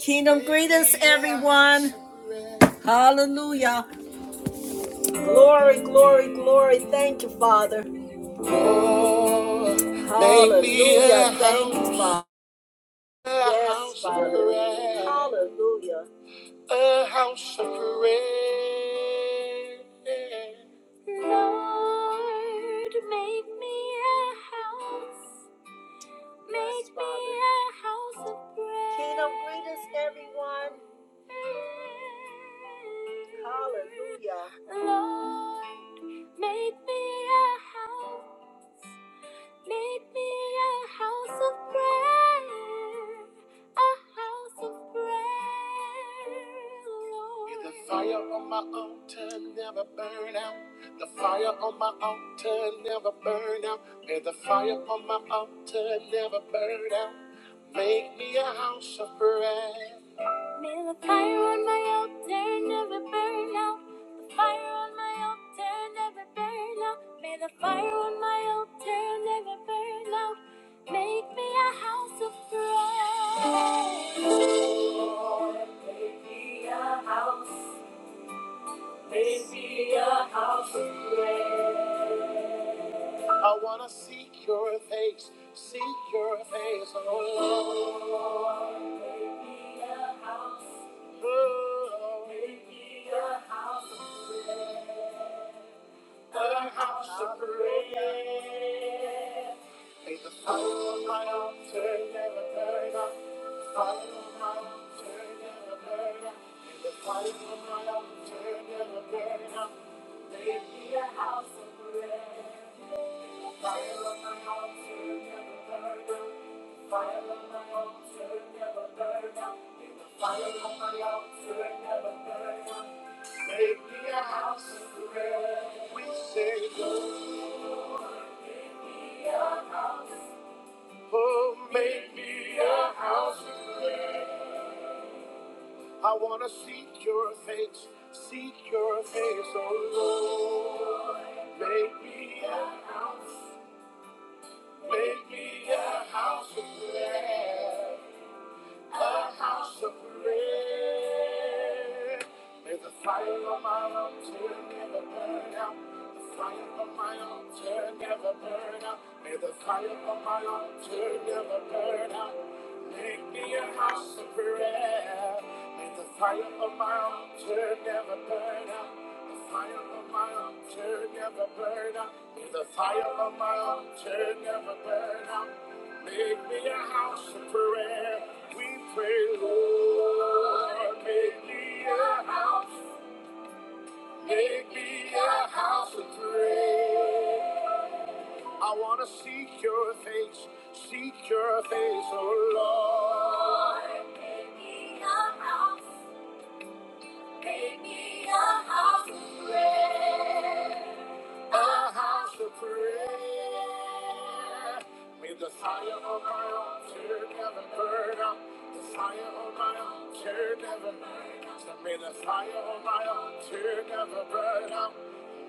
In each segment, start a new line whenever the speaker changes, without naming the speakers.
Kingdom greetings, everyone. Hallelujah. Glory, glory, glory. Thank you, Father. Hallelujah. Thank you, Father. Yes, Father. Hallelujah. A house of prayer. Lord, make me a house. Make me a house of prayer. Kingdom greetings, everyone. Hallelujah. Lord, make me a house. Make me a house of prayer, a house of prayer, Lord. May the fire on my altar never burn out. The fire on my altar never burn out. May the fire on my altar never burn out. Make me a house of prayer. May the fire on my altar never burn out. The fire on my altar never burn out. May the fire on my altar never burn out. Make me a house of prayer. Baby, I wanna seek your face, seek your face, oh Lord. Oh, a house of prayer. May the fire of my altar never burn out. The fire of my altar never burn out. May the fire of my altar never burn out. Make me a house of prayer. Fire of prayer. Make me a house of prayer. We say, Oh, make me a house of prayer. I wanna seek your face, seek your face, oh Lord. Make me a house. Make me a house of prayer a house of prayer. May the fire of my altar never burn out. The fire of my altar never burn out. May the fire of my altar never burn out. Make me a house of prayer. May the fire of my altar never burn out. The fire of my altar never burn out. May the fire of my altar never burn out. Make me a house of prayer. Pray, Lord, make me a house, make me a house of prayer. I want to seek your face, seek your face, oh Lord. Make me a house, make me a house of prayer. a house of prayer. May the fire of my altar never burn up. The fire of my altar never burn up. So may the fire of my altar never burn up.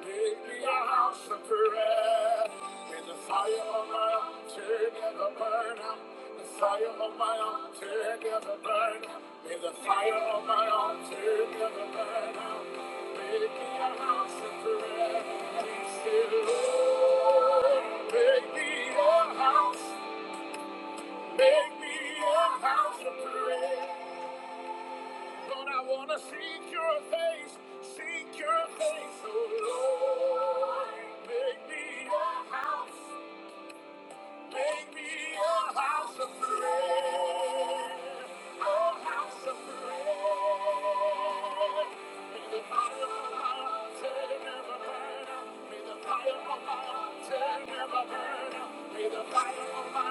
Make me a house of prayer. May the fire of my altar never burn up. The fire of my altar never burn out. May the fire of my altar never burn out. Make me a house of prayer. Seek your face, seek Your face. oh Lord, make me a house. Make me a house of prayer. A house of prayer. May the fire of my altar never burn out. May the fire of my altar never burn out. May the fire of Lord,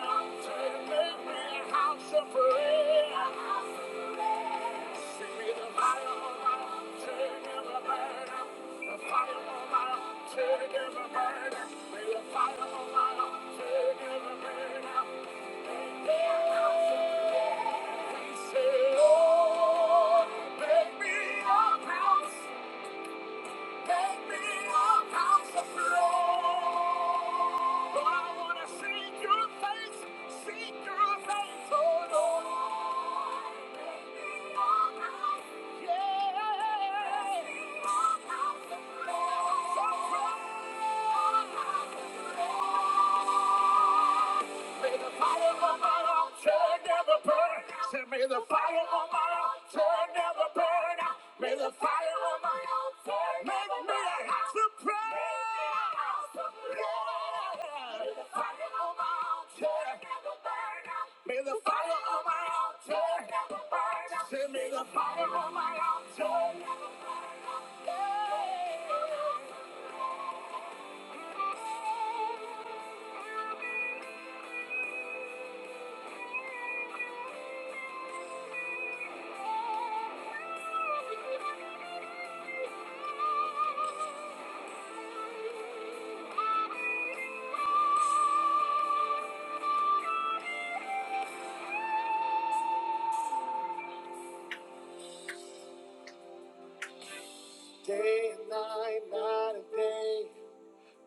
make me a house. Take me up off the floor. Lord, I wanna see your face, see your face, oh Lord. Take me up off, yeah. Take me up off the floor. So cry. Up off the floor. May the fire of my altar never burn. Say, may the fire of my altar never burn. May the fire of my altar make me a house of prayer. May the fire of my altar never burn. May the fire of my altar never burn. Say, may the fire of my altar never burn. Day and night, night and day.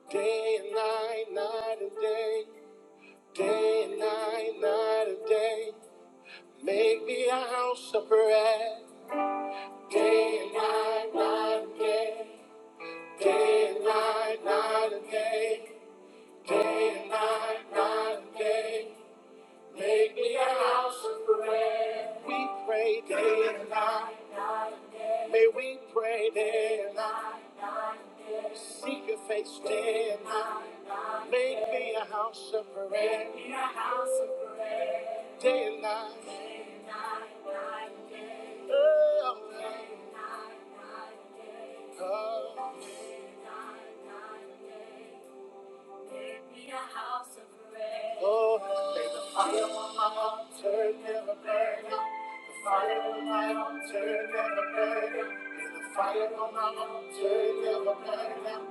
Day and night, night and day, day and night, night and day. Make me a house of prayer. Day and night, night and day, day and night, night and day, day and night, night and day. Make me a house of prayer. We pray day and night. May we pray day and night. Seek your face day and night. Make me a house of prayer. Day and night. Oh, oh. Oh, may the fire on my altar never burn out. The fire on my altar never burn out. May the fire on my altar never burn out.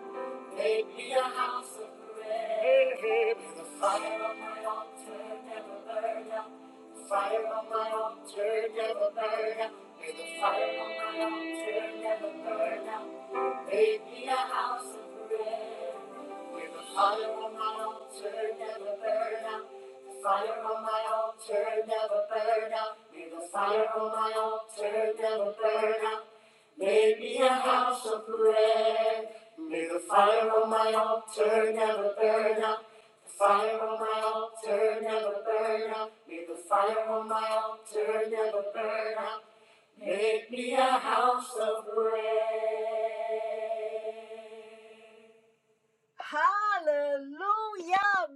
Make me a house of prayer. May the fire on my altar never burn out. The fire on my altar never burn out. May the fire on my altar never burn out. Make me a house of prayer. With the fire on my altar never burn out. The fire on my altar never burn out. May the fire on my altar never burn out. Make me a house of bread. May the fire on my altar never burn out. The fire on my altar never burn out. May the fire on my altar never burn out. Make me a house of bread. Hallelujah.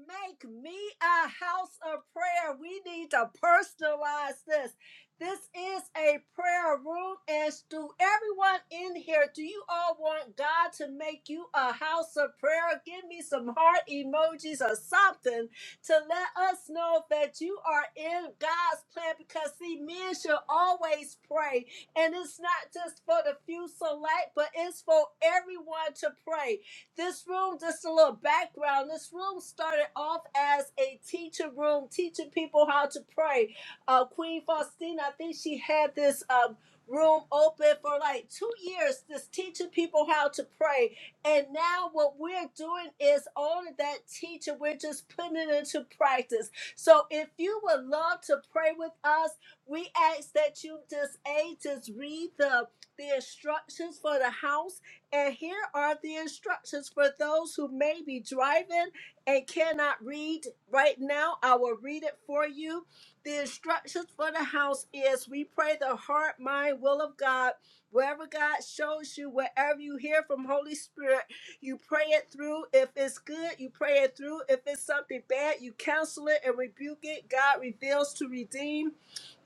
Make me a house of prayer. We need to personalize this. This is a prayer room. And to everyone in here, do you all want God to make you a house of prayer? Give me some heart emojis or something to let us know that you are in God's plan. Because, see, men should always pray. And it's not just for the few select, but it's for everyone to pray. This room, just a little background, this room started off as a teacher room, teaching people how to pray. Uh, Queen Faustina, I think she had this um, room open for like two years, just teaching people how to pray. And now what we're doing is all of that teaching, we're just putting it into practice. So if you would love to pray with us, we ask that you just, A, just read the the instructions for the house and here are the instructions for those who may be driving and cannot read right now. I will read it for you. The instructions for the house is we pray the heart, mind, will of God. Wherever God shows you, wherever you hear from Holy Spirit, you pray it through. If it's good, you pray it through. If it's something bad, you counsel it and rebuke it. God reveals to redeem.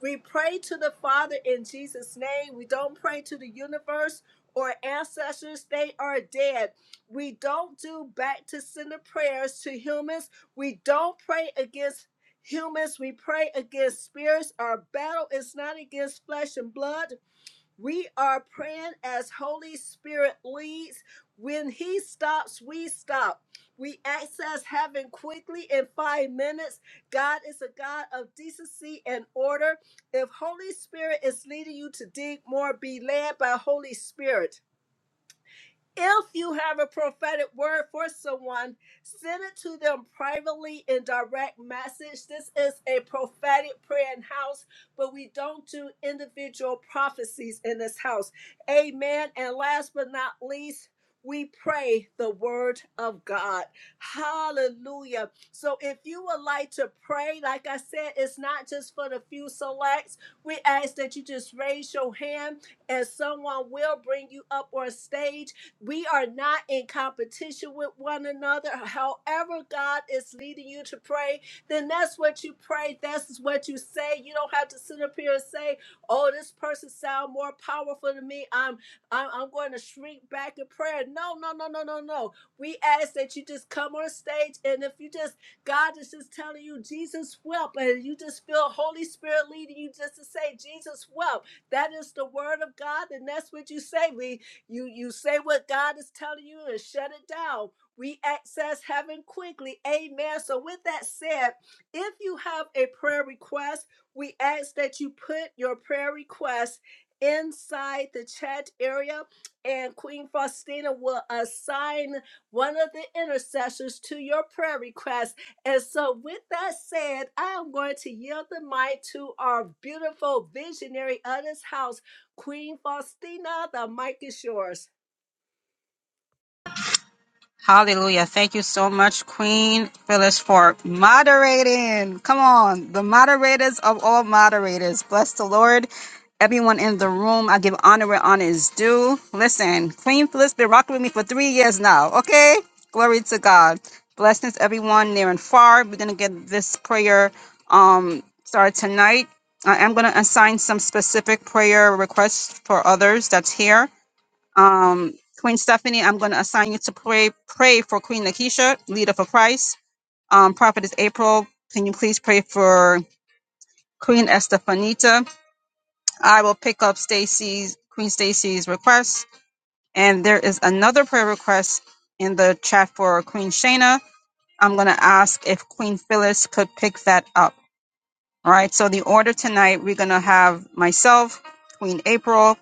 We pray to the Father in Jesus' name. We don't pray to the universe or ancestors, they are dead. We don't do back to sender prayers to humans. We don't pray against humans. We pray against spirits. Our battle is not against flesh and blood. We are praying as Holy Spirit leads. When He stops, we stop. We access heaven quickly in five minutes. God is a God of decency and order. If Holy Spirit is leading you to dig more, be led by Holy Spirit. If you have a prophetic word for someone, send it to them privately in direct message. This is a prophetic prayer in house, but we don't do individual prophecies in this house. Amen. And last but not least, we pray the word of God. Hallelujah. So if you would like to pray, like I said, it's not just for the few selects. We ask that you just raise your hand and someone will bring you up on stage we are not in competition with one another. However, God is leading you to pray, then that's what you pray. That's what you say. You don't have to sit up here and say, "Oh, this person sound more powerful than me. I'm, I'm, I'm going to shrink back in prayer." No, no, no, no, no, no. We ask that you just come on stage, and if you just God is just telling you Jesus wept, and you just feel Holy Spirit leading you just to say Jesus wept. That is the word of God, and that's what you say. We. You you say what God is telling you and shut it down. We access heaven quickly. Amen. So with that said, if you have a prayer request, we ask that you put your prayer request inside the chat area and Queen Faustina will assign one of the intercessors to your prayer request. And so with that said, I am going to yield the mic to our beautiful visionary of this house, Queen Faustina, the mic is yours.
Hallelujah. Thank you so much, Queen Phyllis, for moderating. Come on, the moderators of all moderators. Bless the Lord. Everyone in the room, I give honor where honor is due. Listen, Queen Phyllis been rocking with me for three years now, okay? Glory to God. Blessings, everyone near and far. We're going to get this prayer um started tonight. I am going to assign some specific prayer requests for others that's here. Um, Queen Stephanie, I'm going to assign you to pray pray for Queen Lakeisha, leader for Christ. Um, Prophetess April, can you please pray for Queen Estefanita? I will pick up Stacy's Queen Stacy's request, and there is another prayer request in the chat for Queen Shayna. I'm going to ask if Queen Phyllis could pick that up. All right. So the order tonight, we're going to have myself, Queen April,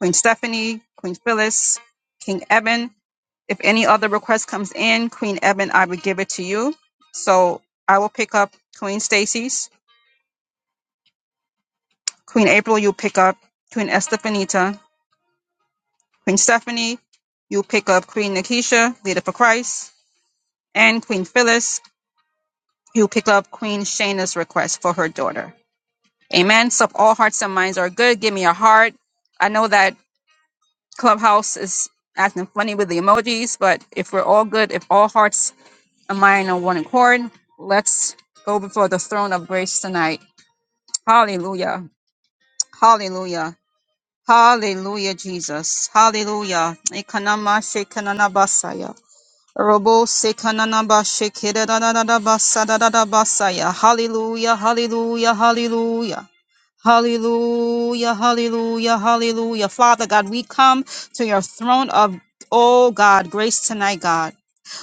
Queen Stephanie, Queen Phyllis, King Eben. If any other request comes in, Queen Eben, I would give it to you. So I will pick up Queen Stacy's. Queen April, you pick up Queen Estefanita. Queen Stephanie, you pick up Queen Nakisha, Leader for Christ. And Queen Phyllis, you pick up Queen Shayna's request for her daughter. Amen. So if all hearts and minds are good, give me a heart. I know that Clubhouse is acting funny with the emojis, but if we're all good, if all hearts a mind on one accord. Let's go before the throne of grace tonight. Hallelujah. Hallelujah. Hallelujah, Jesus. Hallelujah. Ikanama shekanana basaya. Robo sekanana bashekedadadada basadadada basaya. Hallelujah. Hallelujah. Hallelujah. Hallelujah, hallelujah, hallelujah. Father God, we come to your throne of, oh God, grace tonight, God.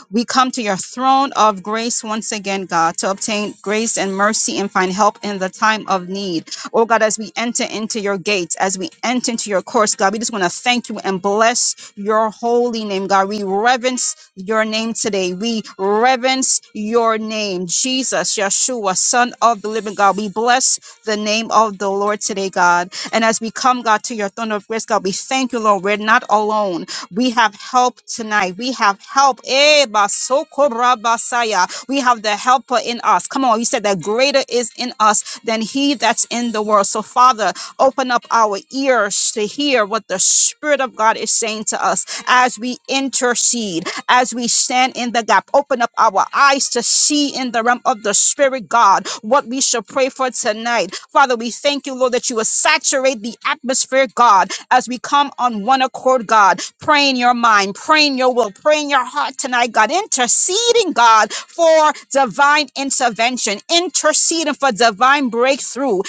We come to your throne of grace once again, God, to obtain grace and mercy and find help in the time of need. Oh God, as we enter into your gates, as we enter into your courts, God, we just want to thank you and bless your holy name, God. We reverence your name today. We reverence your name, Jesus, Yeshua, Son of the living God. We bless the name of the Lord today, God. And as we come, God, to your throne of grace, God, we thank you, Lord. We're not alone. We have help tonight. We have help. Eh, basokorabasaya. We have the helper in us. Come on, you said that greater is in us than he that's in the world. So, Father, open up our ears to hear what the Spirit of God is saying to us as we intercede, as we stand in the gap. Open up our eyes to see in the realm of the Spirit, God, what we should pray for tonight. Father, we thank you, Lord, that you will saturate the atmosphere, God, as we come on one accord, God praying your mind, praying your will, praying your heart tonight, God, interceding, God, for divine intervention, interceding for divine breakthrough,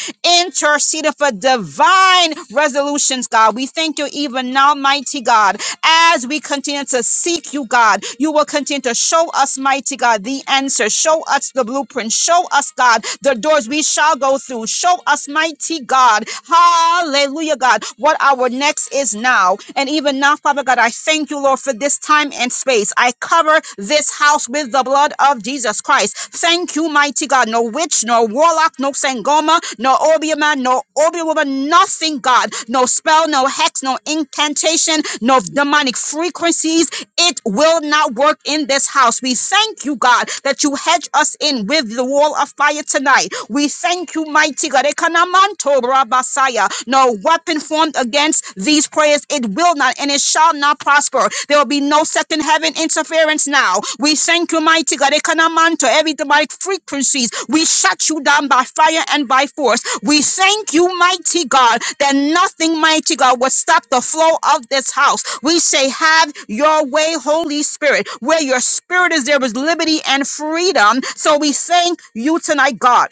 interceding for divine resolutions, God. We thank you even now, mighty God, as we continue to seek you, God, you will continue to show us, mighty God, the answer. Show us the blueprint. Show us, God, the doors we shall go through. Show us, mighty God. Hallelujah, God, what our next is now. And even now, Father God, I thank you you, Lord, for this time and space. I cover this house with the blood of Jesus Christ. Thank you, mighty God. No witch, no warlock, no Sangoma, no Obi man, no Obi woman, nothing, God. No spell, no hex, no incantation, no demonic frequencies it will not work in this house. We thank you, God, that you hedge us in with the wall of fire tonight. We thank you, mighty God. Ekanamanto rabasaya. No weapon formed against these prayers, it will not and it shall not prosper. There will be no second heaven interference now. We thank you, mighty God. God, to every demonic frequencies. We shut you down by fire and by force. We thank you, mighty God, that nothing, mighty God, will stop the flow of this house. We say, have your way, Holy Spirit. Where your spirit is, there is liberty and freedom. So we thank you tonight, God,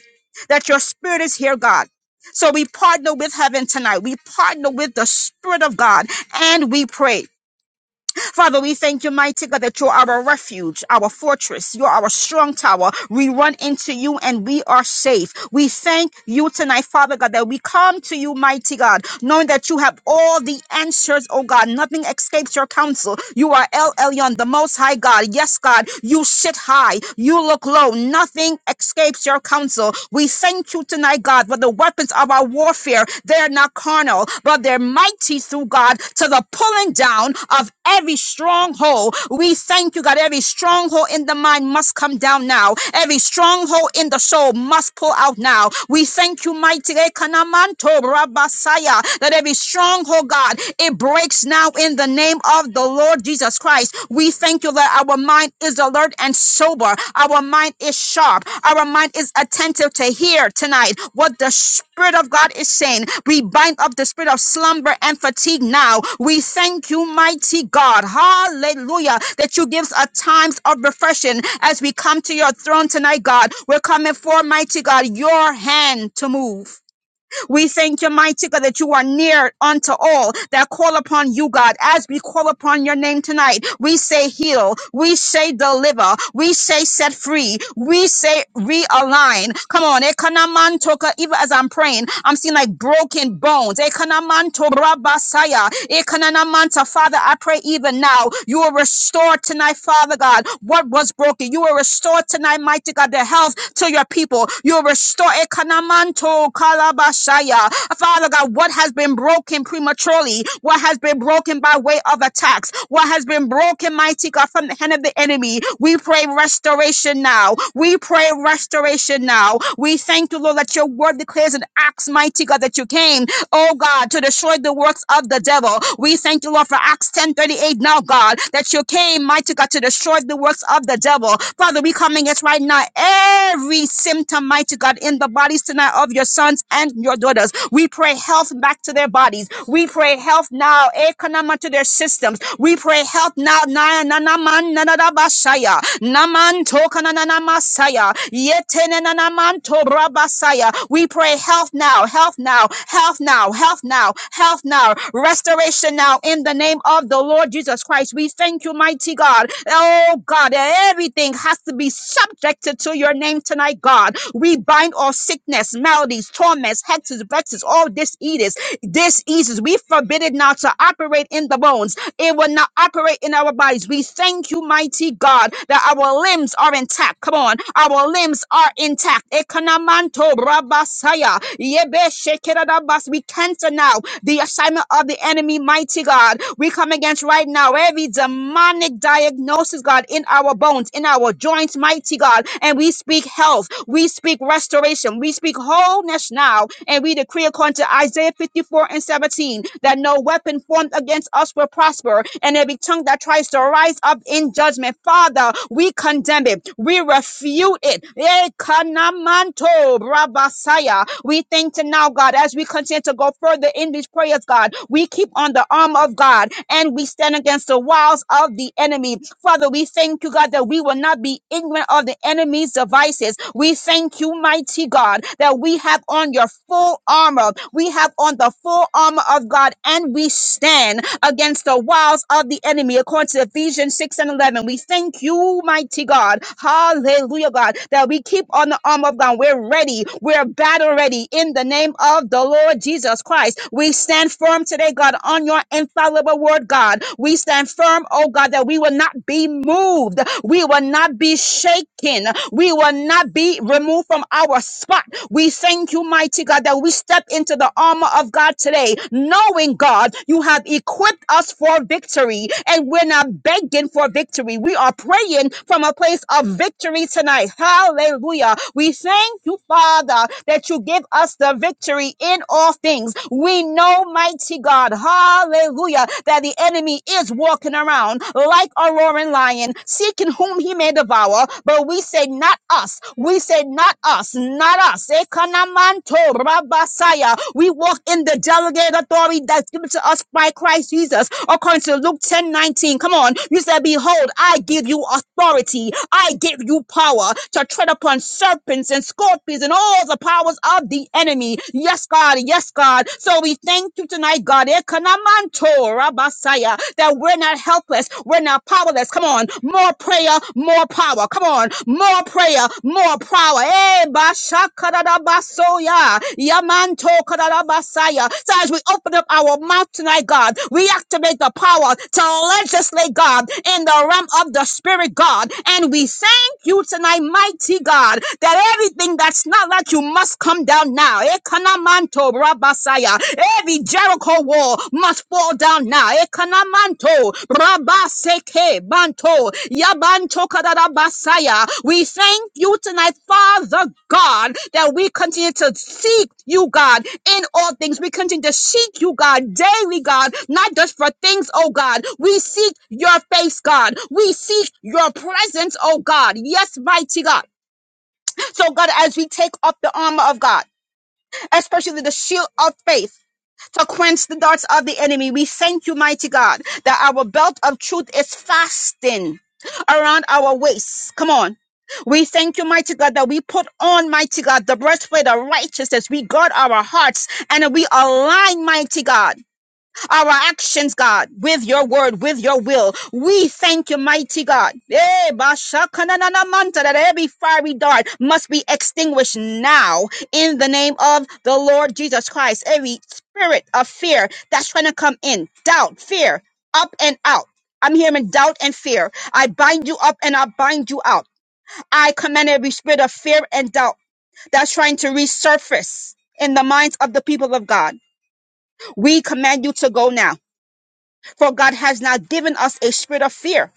that your spirit is here, God. So we partner with heaven tonight. We partner with the Spirit of God and we pray. Father, we thank you, mighty God, that you're our refuge, our fortress. You're our strong tower. We run into you and we are safe. We thank you tonight, Father God, that we come to you, mighty God, knowing that you have all the answers, oh God. Nothing escapes your counsel. You are El Elyon, the most high God. Yes, God, you sit high, you look low. Nothing escapes your counsel. We thank you tonight my God, for the weapons of our warfare, they're not carnal, but they're mighty through God to the pulling down of every stronghold. We thank you, God. Every stronghold in the mind must come down now. Every stronghold in the soul must pull out now. We thank you, mighty Ekanamanto Rabasaya, that every stronghold, God, it breaks now in the name of the Lord Jesus Christ. Jesus. We thank you that our mind is alert and sober. Our mind is sharp. Our mind is attentive to hear tonight what the Spirit of God is saying. We bind up the spirit of slumber and fatigue now. We thank you, mighty God. Hallelujah. That you give us times of refreshing as we come to your throne tonight, God. We're coming for, mighty God, your hand to move. We thank you, mighty God, that you are near unto all that call upon you, God. As we call upon your name tonight, we say heal, we say deliver, we say set free, we say realign. Come on, Ekanamantoka, even as I'm praying, I'm seeing like broken bones. Ekanamanto rabasaya, Ekananamanta. Father, I pray even now you will restore tonight, Father God. God, what was broken. You will restore tonight, mighty God, the health to your people. You will restore Ekanamanto Kalabashaya. Father God, what has been broken prematurely, what has been broken by way of attacks, what has been broken, mighty God, from the hand of the enemy. We pray restoration now. We pray restoration now. We thank you, Lord, that your word declares in Acts, mighty God, that you came oh God, to destroy the works of the devil. We thank you, Lord, for Acts 10:38 now, God, that you came, mighty God, to destroy the works of the devil. Father, we come against right now every symptom, mighty God, in the bodies tonight of your sons and your daughters. We pray health back to their bodies. We pray health now, economic to their systems. We pray help now. Na na na man na na na basaya. Naman toka na na na masaya. Yete na na na man to brabasaya. We pray health now, health now, health now, health now, health now, restoration now in the name of the Lord Jesus Christ. We thank you, mighty God. Oh God, everything has to be subjected to your name tonight, God. We bind all sickness, maladies, torments, hexes, vexes, all diseases, diseases. We forbid it now to operate in the bones it will not operate in our bodies. We thank you, mighty God, that our limbs are intact. Come on. Our limbs are intact. Ekanamanto brabasaya. Yebe shekerabas. We cancel now the assignment of the enemy, mighty God. We come against right now every demonic diagnosis, God, in our bones, in our joints, mighty God. And we speak health. We speak restoration. We speak wholeness now. And we decree according to to Isaiah 54 and 17 that no weapon formed against us will prosper, and every tongue that tries to rise up in judgment, Father, we condemn it, we refute it. Eh, kanamanto, brabasaya. We thank you now, God, as we continue to go further in these prayers, God. We keep on the arm of God and we stand against the wiles of the enemy. Father, we thank you, God, that we will not be ignorant of the enemy's devices. We thank you, mighty God, that we have on your full armor. We have on the full armor of God and we stand against the wiles of the enemy according to Ephesians 6 and 11. We thank you, mighty God. Hallelujah, God, that we keep on the armor of God. We're ready. We're battle ready in the name of the Lord Jesus Christ. We stand firm today, God, on your infallible word, God. We stand firm, oh God, that we will not be moved. We will not be shaken. We will not be removed from our spot. We thank you, mighty God, that we step into the armor of God today, knowing, God, you have equipped us for victory and we're not begging for victory. We are praying from a place of victory tonight. Hallelujah. We thank you, Father, that you give us the victory in all things. We know, mighty God. God. Hallelujah. That the enemy is walking around like a roaring lion, seeking whom he may devour. But we say, not us. We say, not us. Not us. Ekanamanto rabasaya. We walk in the delegated authority that's given to us by Christ Jesus. According to Luke 10:19. Come on. You said, Behold, I give you authority. I give you power to tread upon serpents and scorpions and all the powers of the enemy. Yes, God. Yes, God. So we thank you tonight, God. Ekanamanto rabasaya, That we're not helpless. We're not powerless. Come on. More prayer, more power. Come on. More prayer, more power. Eh, bashakadadabasoya, yamantokadadabasaya. So as we open up our mouth tonight, God, we activate the power to legislate, God, in the realm of the Spirit, God. And we say, Thank you tonight, mighty God, that everything that's not like you must come down now. Ekanamanto Rabasaya. Every Jericho wall must fall down now. Ekanamanto Rabaseke Banto Yabanto Kadabasaya. We we thank you tonight, Father God, that we continue to seek you, God, in all things. We continue to seek you, God, daily, God, not just for things, oh God. We seek your face, God. We seek your presence, oh God. Yes, mighty God. So, God, as we take up the armor of God, especially the shield of faith, to quench the darts of the enemy. We thank you, mighty God, that our belt of truth is fastened around our waist. Come on. We thank you, mighty God, that we put on, mighty God, the breastplate of righteousness. We guard our hearts and we align, mighty God our actions, God, with your word, with your will. We thank you, mighty God. Eh, bashakananamanta, That every fiery dart must be extinguished now in the name of the Lord Jesus Christ. Every spirit of fear that's trying to come in, doubt, fear, up and out. I'm hearing doubt and fear. I bind you up and I bind you out. I command every spirit of fear and doubt that's trying to resurface in the minds of the people of God. We command you to go now for God has not given us a spirit of fear,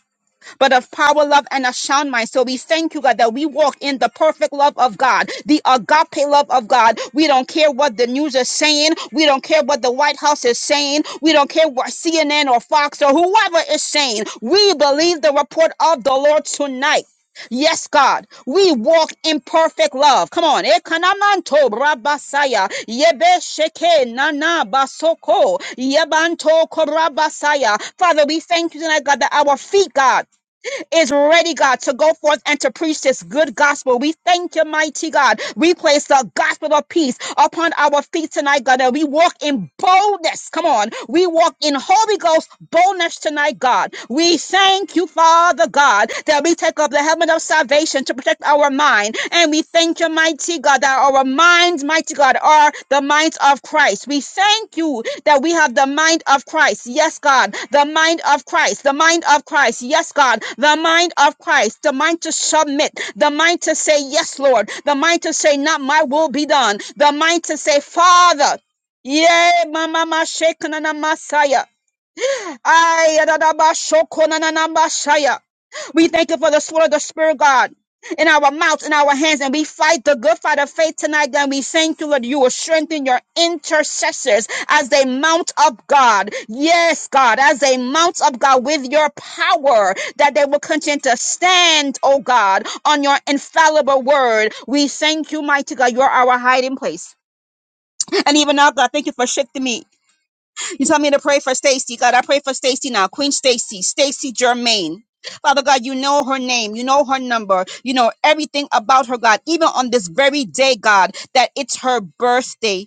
but of power, love, and a sound mind. So we thank you, God, that we walk in the perfect love of God, the agape love of God. We don't care what the news is saying. We don't care what the White House is saying. We don't care what CNN or Fox or whoever is saying. We believe the report of the Lord tonight. Yes, God, we walk in perfect love. Come on. Ekanamanto brabasaya. Yebe sheke nana basoko. Yebanto korabasaya. Father, we thank you tonight, God, that our feet, God is ready, God, to go forth and to preach this good gospel. We thank you, mighty God. We place the gospel of peace upon our feet tonight, God, and we walk in boldness. Come on. We walk in Holy Ghost boldness tonight, God. We thank you, Father God, that we take up the helmet of salvation to protect our mind. And we thank you, mighty God, that our minds, mighty God, are the minds of Christ. We thank you, that we have the mind of Christ. Yes, God. The mind of Christ. The mind of Christ. Yes, God. The mind of Christ. The mind to submit. The mind to say, Yes, Lord. The mind to say, Not my will be done. The mind to say, Father. Yea, mama ma shekana na masaya. Ay, adadaba shokona na na masaya. We thank you for the sword of the Spirit, God, in our mouths, in our hands, and we fight the good fight of faith tonight. Then we thank you that you will strengthen your intercessors as they mount up, God. Yes, God, as they mount up, God, with your power, that they will continue to stand, oh God, on your infallible word. We thank you, mighty God. You're our hiding place. And even now, God, thank you for shifting me. You tell me to pray for Stacy. God, I pray for Stacy now. Queen Stacy, Stacy Germain. Father God, you know her name, you know her number, you know everything about her, God, even on this very day, God, that it's her birthday.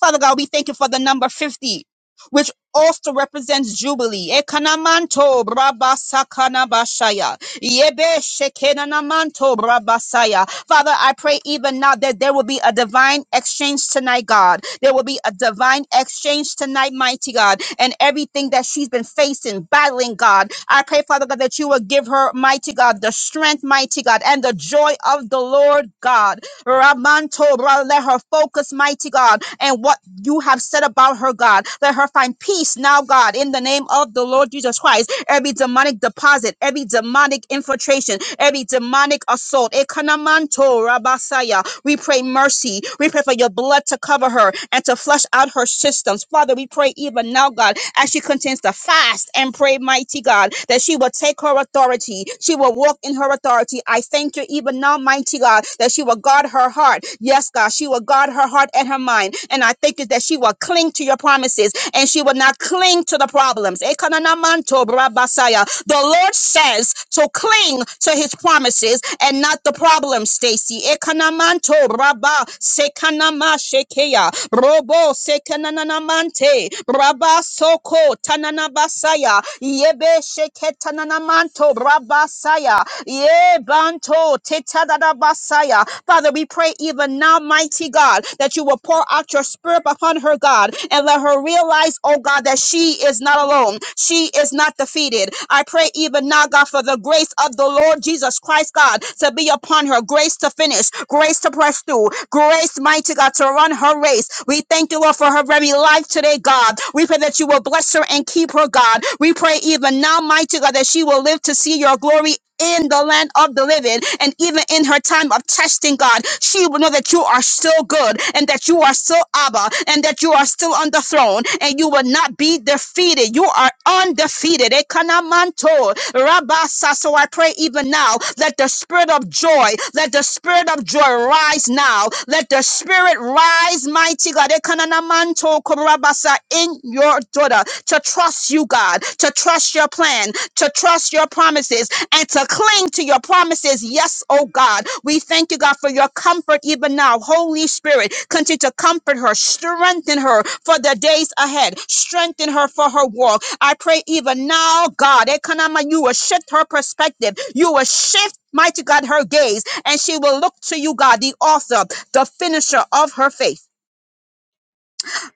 Father God, we thank you for the number 50, which also represents Jubilee. Ekanamanto brabasakanabashaya. Yebe shekenanamanto brabasaya. Father, I pray even now that there will be a divine exchange tonight, God. There will be a divine exchange tonight, mighty God. And everything that she's been facing, battling, God, I pray, Father God, that you will give her, mighty God, the strength, mighty God, and the joy of the Lord, God. Ramanto, bro, let her focus, mighty God, and what you have said about her, God. Let her find peace now, God, in the name of the Lord Jesus Christ every demonic deposit, every demonic infiltration, every demonic assault. Ekanamanto rabasaya. We pray mercy. We pray for your blood to cover her and to flush out her systems. Father, we pray even now, God, as she continues to fast and pray, mighty God, that she will take her authority. She will walk in her authority. I thank you even now, mighty God, that she will guard her heart. Yes, God, she will guard her heart and her mind. And I thank you that she will cling to your promises promises and she will not cling to the problems. Ekananamanto brabasaya. The Lord says to cling to his promises and not the problems, Stacy. Ekanamanto braba sekanama shekeya. Robo sekananamante braba soko tananabasaya. Yebe sheketananamanto brabasaya. Yebanto tetadadabasaya. Father, we pray even now, mighty mighty God, that you will pour out your spirit upon her, God, and let her realize, oh God, that she is not alone. She is not defeated. I pray even now, God, for the grace of the Lord Jesus Christ, God, to be upon her, grace to finish, grace to press through, grace, mighty God, to run her race. We thank you, Lord, for her very life today, God. We pray that you will bless her and keep her, God. We pray even now, mighty God, that she will live to see your glory in the land of the living. And even in her time of testing, God, she will know that you are still good and that you are still Abba and that you are still on the throne and you will not be defeated. You are undefeated. Ekanamanto, rabasa. So I pray even now, let the spirit of joy, let the spirit of joy rise now. Let the spirit rise, mighty God, Ekananamanto, korabasa, in your daughter to trust you, God, to trust your plan, to trust your promises, and to cling to your promises. Yes, oh God. We thank you, God, for your comfort even now. Holy Spirit, continue to comfort her, strengthen her for the days ahead, strengthen her for her walk. I pray even now, God, Ekanama, you will shift her perspective. You will shift. Mighty God, her gaze, and she will look to you, God, the author, the finisher of her faith.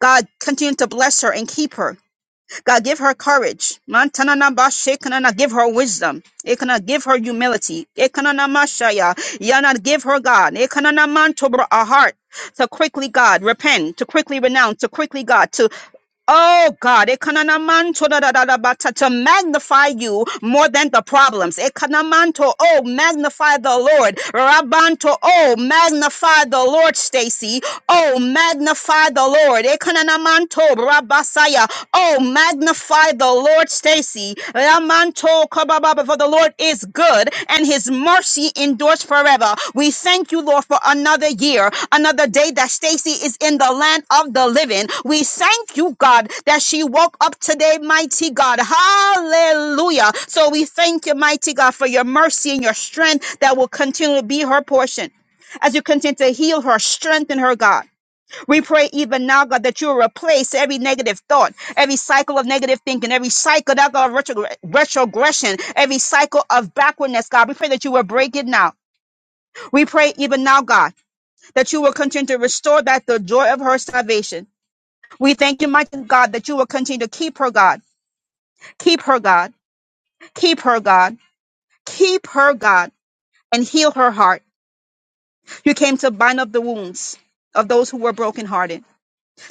God, continue to bless her and keep her. God, give her courage. Mantanana bashekanana, give her wisdom. Ekana, give her humility. Ekanana mashaya. Yana, give her God. Ekanana mantobra a heart to quickly God repent, to quickly renounce, to quickly God to Oh God, ekanamanto da da da da ba ta- to magnify you more than the problems. Ekanamanto, oh magnify the Lord. Rabanto, oh magnify the Lord, Stacy. Oh magnify the Lord. Ekanamanto, rabasaya. Oh magnify the Lord, Stacy. Ramanto ba For the Lord is good and his mercy endures forever. We thank you, Lord, for another year, another day that Stacy is in the land of the living. We thank you, God, that she woke up today, mighty God. Hallelujah. So we thank you, mighty God, for your mercy and your strength that will continue to be her portion. As you continue to heal her, strengthen her, God. We pray even now, God, that you'll replace every negative thought, every cycle of negative thinking, every cycle that God, of retro- retrogression, every cycle of backwardness, God. We pray that you will break it now. We pray even now, God, that you will continue to restore back the joy of her salvation. We thank you, mighty God, that you will continue to keep her, God. Keep her, God. Keep her, God. Keep her, God, and heal her heart. You came to bind up the wounds of those who were brokenhearted.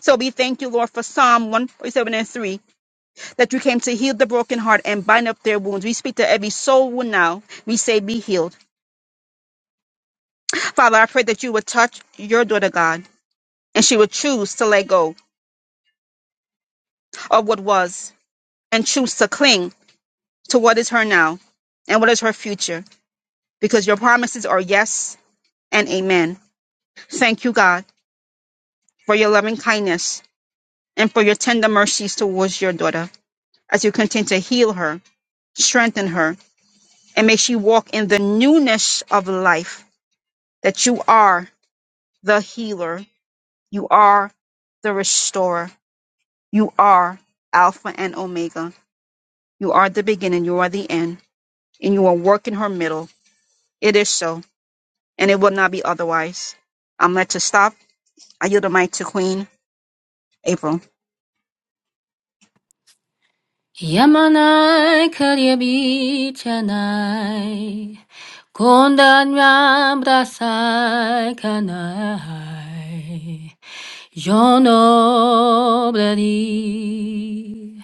So we thank you, Lord, for Psalm 147 and 3 that you came to heal the broken heart and bind up their wounds. We speak to every soul wound now. We say, Be healed. Father, I pray that you would touch your daughter, God, and she would choose to let go of what was and choose to cling to what is her now and what is her future, because your promises are yes and amen. Thank you, God, for your loving kindness and for your tender mercies towards your daughter as you continue to heal her, strengthen her, and may she walk in the newness of life that you are the healer. You are the restorer. You are Alpha and Omega. You are the beginning. You are the end. And you are working her middle. It is so. And it will not be otherwise. I'm led to stop. I yield the mic to Queen April.
Yamanai karyabichanai kondanyam rasai kanai yo no bladi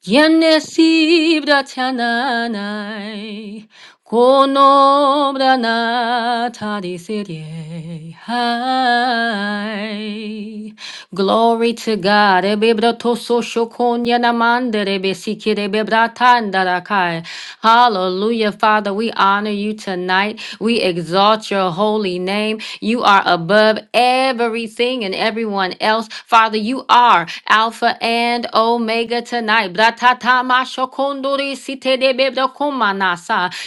Yannesibra tiananai, konobra na tadisirie. Glory to God. Ebebra toso shokonya yanamande rebe sikire bebra tandarakai. Hallelujah, Father. We honor you tonight. We exalt your holy name. You are above everything and everyone else. Father, Father, you are Alpha and Omega tonight. Bratatama shokondori sitedebe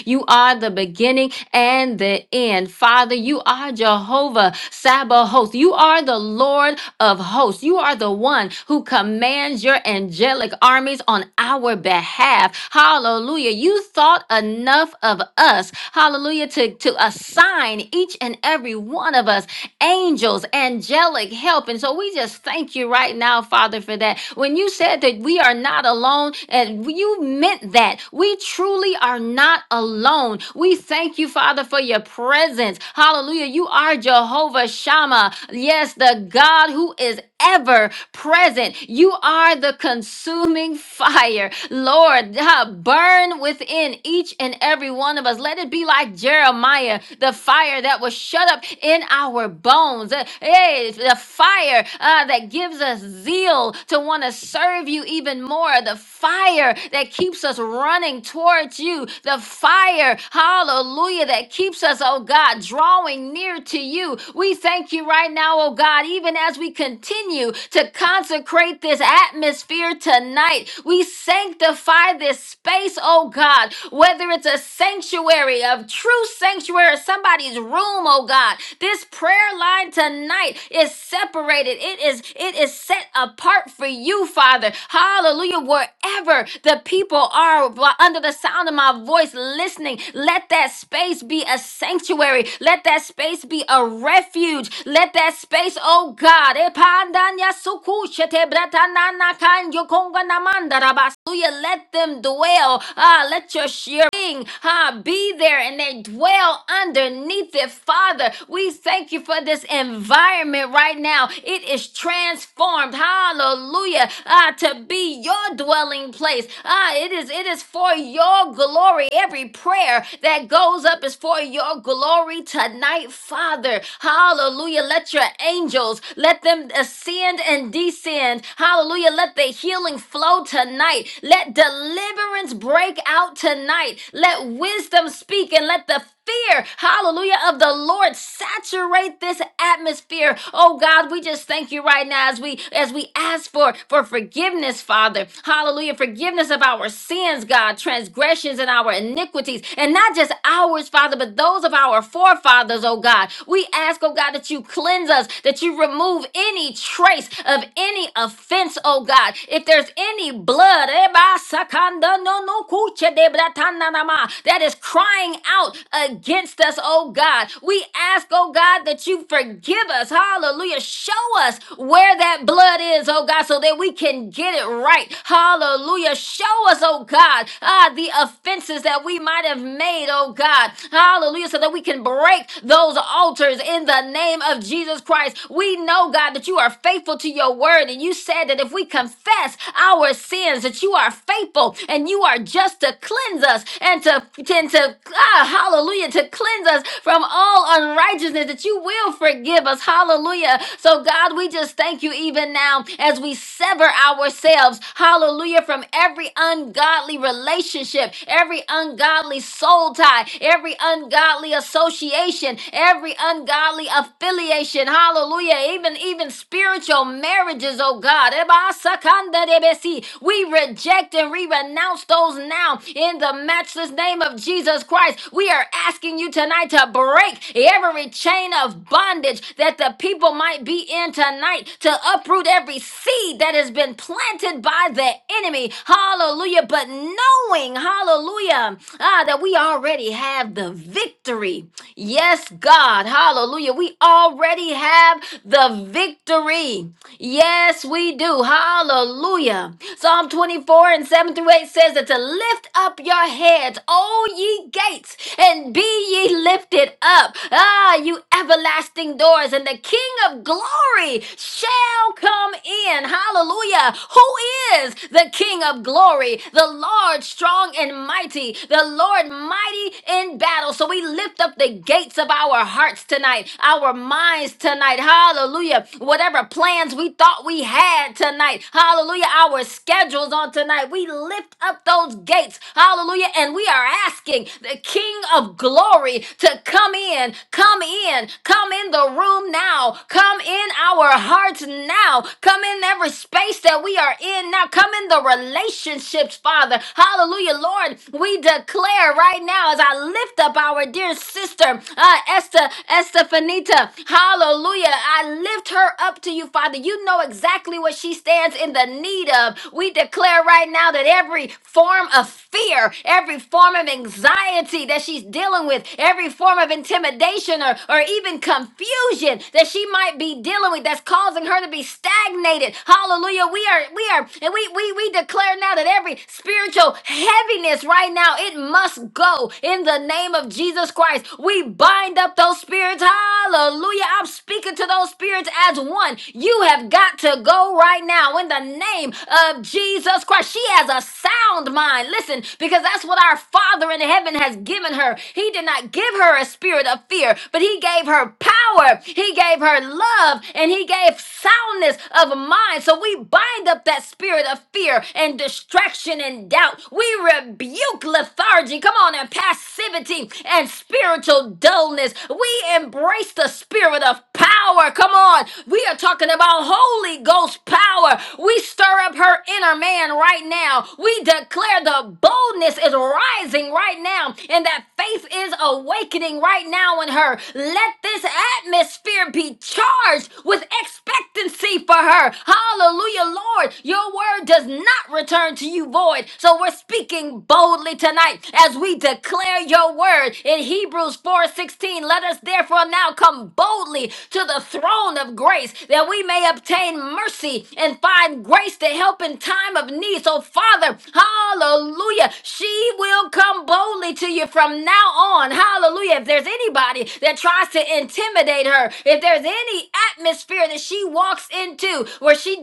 You are the beginning and the end. Father, you are Jehovah Sabbath host. You are the Lord of hosts. You are the one who commands your angelic armies on our behalf. Hallelujah. You thought enough of us. Hallelujah. To, to assign each and every one of us angels, angelic help. And so we just thank you right now, Father, for that. When you said that we are not alone, and you meant that. We truly are not alone. We thank you, Father, for your presence. Hallelujah. You are Jehovah Shammah. Yes, the God who is ever present. You are the consuming fire. Lord, uh, burn within each and every one of us. Let it be like Jeremiah, the fire that was shut up in our bones. Uh, Hey, the fire uh, that gives us zeal to want to serve you even more. The fire that keeps us running towards you. The fire, hallelujah, that keeps us, oh God, drawing near to you. We thank you right now, oh God, even as we continue to consecrate this atmosphere tonight. We sanctify this space, oh God, whether it's a sanctuary, a true sanctuary, or somebody's room, oh God. God. This prayer line tonight is separated. It is it is set apart for you, Father. Hallelujah. Wherever the people are under the sound of my voice listening, let that space be a sanctuary. Let that space be a refuge. Let that space, oh God, epandanya sukushete bratanana kanyo konga namanda rabasuya. let them dwell. Ah, let your shearing ah, be there and they dwell underneath it, said, Father, we thank you for this environment right now. It is transformed. Hallelujah. Ah, to be your dwelling place. Ah, it is it is for your glory. Every prayer that goes up is for your glory tonight, Father. Hallelujah. Let your angels let them ascend and descend. Hallelujah. Let the healing flow tonight. Let deliverance break out tonight. Let wisdom speak and let the fear, hallelujah, of the Lord saturate this atmosphere. Oh God, we just thank you right now as we as we ask for for forgiveness, Father. Hallelujah, forgiveness of our sins, God, transgressions and our iniquities, and not just ours, Father, but those of our forefathers, oh God. We ask, oh God, that you cleanse us, that you remove any trace of any offense, oh God. If there's any blood, eh, ba, sakanda, no, no, kuche, de, bra, ta, na, na, ma, that is crying out against us, oh God. We ask, oh God, that you forgive us. Hallelujah. Show us where that blood is, oh God, so that we can get it right. Hallelujah. Show us, oh God, ah, the offenses that we might have made, oh God. Hallelujah. So that we can break those altars in the name of Jesus Christ. We know, God, that you are faithful to your word. And you said that if we confess our sins, that you are faithful and you are just to cleanse us and to, and to to, ah, hallelujah, to cleanse us from all unrighteousness, that you will forgive us. Hallelujah. So, God, we just thank you even now as we sever ourselves, hallelujah, from every ungodly relationship, every ungodly soul tie, every ungodly association, every ungodly affiliation. Hallelujah. Even, even spiritual marriages, oh God. Eba sakanda debesi. We reject and we renounce those now in the matchless name of of Jesus Christ, we are asking you tonight to break every chain of bondage that the people might be in tonight, to uproot every seed that has been planted by the enemy. Hallelujah. But knowing, hallelujah, ah, that we already have the victory. Yes, God. Hallelujah. We already have the victory. Yes, we do. Hallelujah. Psalm 24 and 7 through 8 says that to lift up your heads says, O ye gates, and be ye lifted up. Ah, you everlasting doors, and the King of glory shall come in. Hallelujah. Who is the King of glory? The Lord strong and mighty, the Lord mighty in battle. So we lift up the gates of our hearts tonight, our minds tonight. Hallelujah. Whatever plans we thought we had tonight, hallelujah. Our schedules on tonight, we lift up those gates. Hallelujah. Hallelujah. And we are asking the King of glory to come in, come in, come in the room now, come in our hearts now, come in every space that we are in now, come in the relationships, Father. Hallelujah. Lord, we declare right now as I lift up our dear sister, uh, Esther, Estefanita. Hallelujah. I lift her up to you, Father. You know exactly what she stands in the need of. We declare right now that every form of fear, every form of anxiety that she's dealing with, every form of intimidation or, or even confusion that she might be dealing with that's causing her to be stagnated. Hallelujah. We are, we are, and we we we declare now that every spiritual heaviness right now, it must go in the name of Jesus Christ. We bind up those spirits. Hallelujah. I'm speaking to those spirits as one. You have got to go right now in the name of Jesus Christ. She has a sound mind mind. Listen, because that's what our Father in heaven has given her. He did not give her a spirit of fear, but He gave her power, He gave her love, and He gave soundness of mind. So we bind up that spirit of fear and distraction and doubt. We rebuke lethargy, come on, and passivity and spiritual dullness. We embrace the spirit of power. Come on. We are talking about Holy Ghost power. We stir up her inner man right now. We declare the boldness is rising right now and that faith is awakening right now in her. Let this atmosphere be charged with expectancy for her. Hallelujah, Lord. Your word does not return to you void. So we're speaking boldly tonight as we declare your word in Hebrews 4:16. Let us therefore now come boldly to the throne of grace that we may obtain mercy and find grace to help in time of need. So, Father, Father. Hallelujah. She will come boldly to you from now on. Hallelujah. If there's anybody that tries to intimidate her, if there's any atmosphere that she walks into where she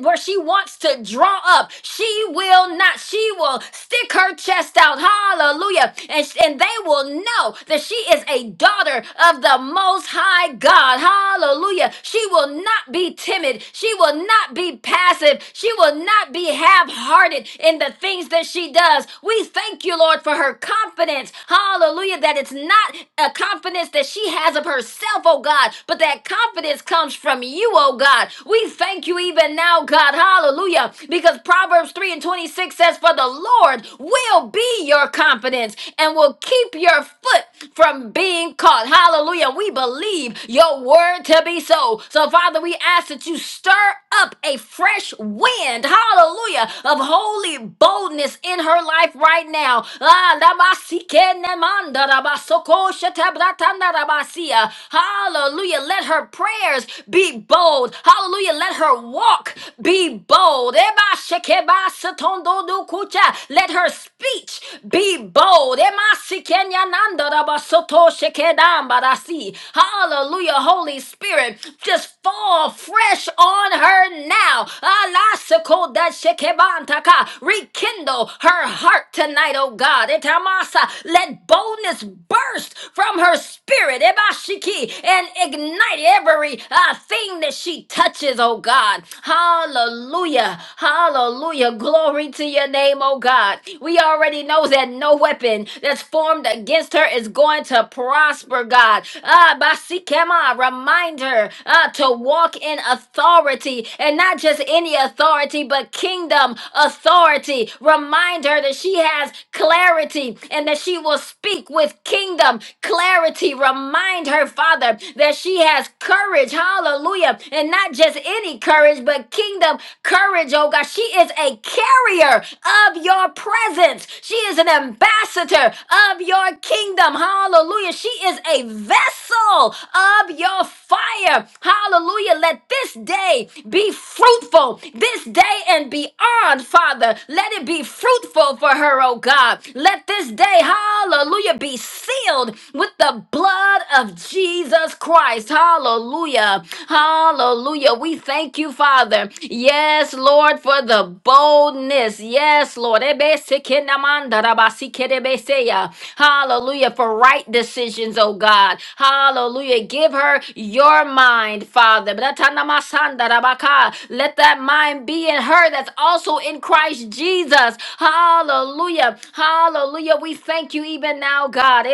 where she wants to draw up, she will not. She will stick her chest out. Hallelujah. And, and they will know that she is a daughter of the most high God. Hallelujah. She will not be timid. She will not be passive. She will not be half half-hearted in the things that she does. We thank you, Lord, for her confidence. Hallelujah. That it's not a confidence that she has of herself, oh God, but that confidence comes from you, oh God. We thank you even now, God. Hallelujah. Because Proverbs 3 and 26 says, For the Lord will be your confidence and will keep your foot from being caught. Hallelujah. We believe your word to be so. So, Father, we ask that you stir up a fresh wind. Hallelujah hallelujah, of holy boldness in her life right now. Ah, lamasikenemanda rabasokoshetabratandarabasia. Hallelujah. Let her prayers be bold. Hallelujah. Let her walk be bold. Ebashekebasatondodukucha. Let her speech be bold. Emasikenyandarabasotoshekeda. Rambarasi. Hallelujah. Holy Spirit, just fall fresh on her now now. Alasakoda shekebantaka. Rekindle her heart tonight, oh God. Etamasa. Let boldness burst from her spirit. Ebashiki. And ignite every uh, thing that she touches, oh God. Hallelujah. Hallelujah. Glory to your name, oh God. We already know that no weapon that's formed against her is going to prosper, God. Ah, Basikema, remind her uh, to walk in authority and and not just any authority, but kingdom authority. Remind her that she has clarity and that she will speak with kingdom clarity. Remind her, Father, that she has courage. Hallelujah. And not just any courage, but kingdom courage, oh God. She is a carrier of your presence. She is an ambassador of your kingdom. Hallelujah. She is a vessel of your fire. Hallelujah. Let this day be fruitful. This day and beyond, Father. Let it be fruitful for her, oh God. Let this day, hallelujah, be sealed with the blood of Jesus Christ. Hallelujah. Hallelujah. We thank you, Father. Yes, Lord, for the bold boldness. Yes, Lord. Ebesikinamandarabasikidibesiya. Hallelujah. For right decisions, oh God. Hallelujah. Give her your mind, Father. Bratanamasandarabakai. Let that mind be in her that's also in Christ Jesus. Hallelujah. Hallelujah. We thank you even now, God.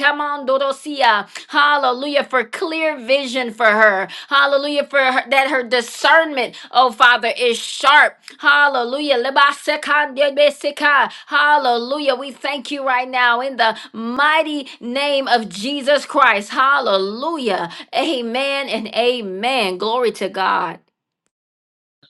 Kamandorosia. Hallelujah. For clear vision for her. Hallelujah. For her, that her discernment, oh Father, is sharp. Hallelujah. Lebasekandebeseka. Hallelujah. We thank you right now in the mighty name of Jesus Christ. Hallelujah. Amen and amen. Glory to God.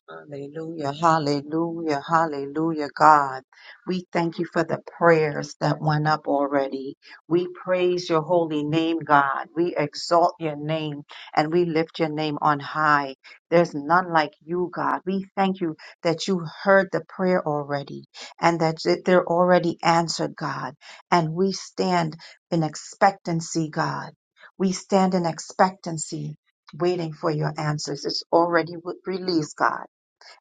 Hallelujah, hallelujah, hallelujah, God. We thank you for the prayers that went up already. We praise your holy name, God. We exalt your name and we lift your name on high. There's none like you, God. We thank you that you heard the prayer already and that th- they're already answered, God. And we stand in expectancy, God. We stand in expectancy, waiting for your answers. It's already w- released, God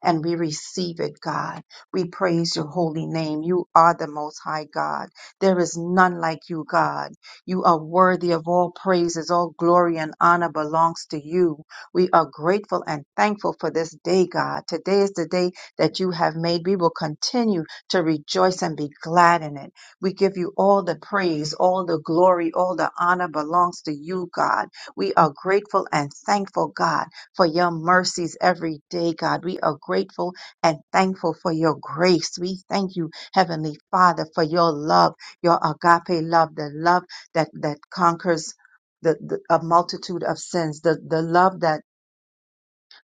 and we receive it, God. We praise your holy name. You are the most high God. There is none like you, God. You are worthy of all praises. All glory and honor belongs to you. We are grateful and thankful for this day, God. Today is the day that you have made. We will continue to rejoice and be glad in it. We give you all the praise, all the glory, all the honor belongs to you, God. We are grateful and thankful, God for your mercies every day, God. We are grateful and thankful for your grace. We thank you, Heavenly Father, for your love, your agape love, the love that, that conquers the, the a multitude of sins, the, the love that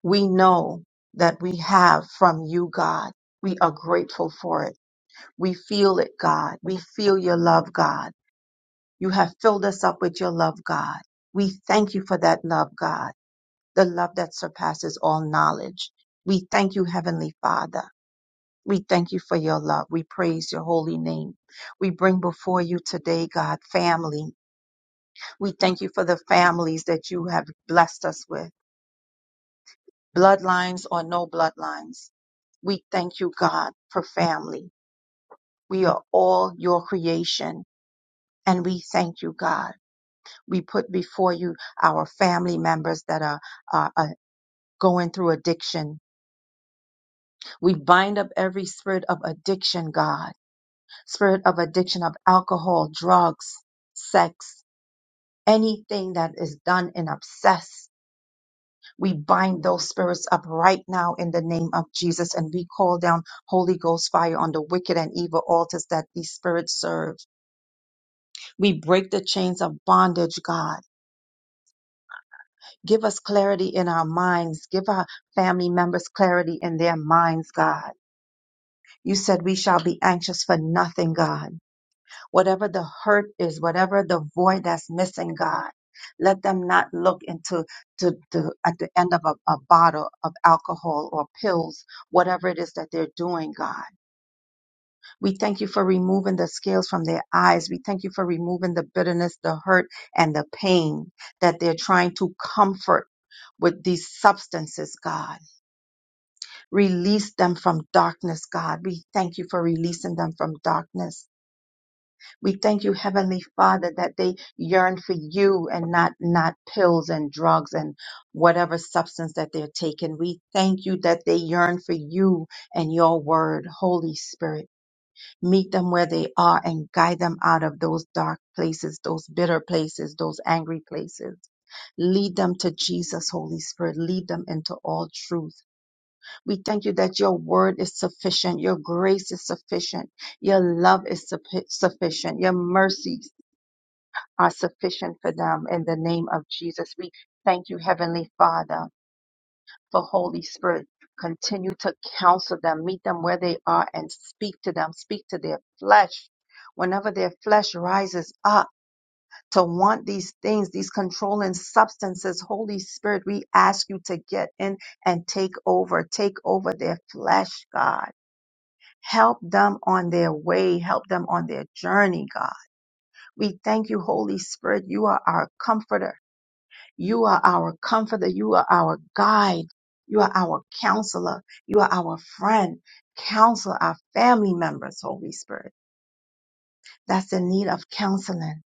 we know that we have from you, God. We are grateful for it. We feel it, God. We feel your love, God. You have filled us up with your love, God. We thank you for that love, God the love that surpasses all knowledge. We thank you, Heavenly Father. We thank you for your love. We praise your holy name. We bring before you today, God, family. We thank you for the families that you have blessed us with, bloodlines or no bloodlines. We thank you, God, for family. We are all your creation. And we thank you, God. We put before you our family members that are, are, are going through addiction, We bind up every spirit of addiction, God, spirit of addiction of alcohol, drugs, sex, anything that is done in obsess. We bind those spirits up right now in the name of Jesus and we call down Holy Ghost fire on the wicked and evil altars that these spirits serve. We break the chains of bondage, God. Give us clarity in our minds. Give our family members clarity in their minds, God. You said we shall be anxious for nothing, God whatever the hurt is, whatever the void that's missing, God. Let them not look into to, to, at the end of a, a bottle of alcohol or pills, whatever it is that they're doing, God. We thank you for removing the scales from their eyes. We thank you for removing the bitterness, the hurt, and the pain that they're trying to comfort with these substances, God. Release them from darkness, God. We thank you for releasing them from darkness We thank you, Heavenly Father, that they yearn for you and not, not pills and drugs and whatever substance that they're taking. We thank you that they yearn for you and your word, Holy Spirit. Meet them where they are and guide them out of those dark places, those bitter places, those angry places. Lead them to Jesus, Holy Spirit. Lead them into all truth. We thank you that your word is sufficient. Your grace is sufficient. Your love is suffi- sufficient. Your mercy are sufficient for them. In the name of Jesus, we thank you, Heavenly Father, for Holy Spirit. Continue to counsel them, meet them where they are, and speak to them, speak to their flesh. Whenever their flesh rises up to want these things, these controlling substances, Holy Spirit, we ask you to get in and take over. Take over their flesh, God. Help them on their way. Help them on their journey, God. We thank you, Holy Spirit. You are our comforter. You are our comforter. You are our guide. You are our counselor. You are our friend. Counsel our family members, Holy Spirit. That's in need of counseling.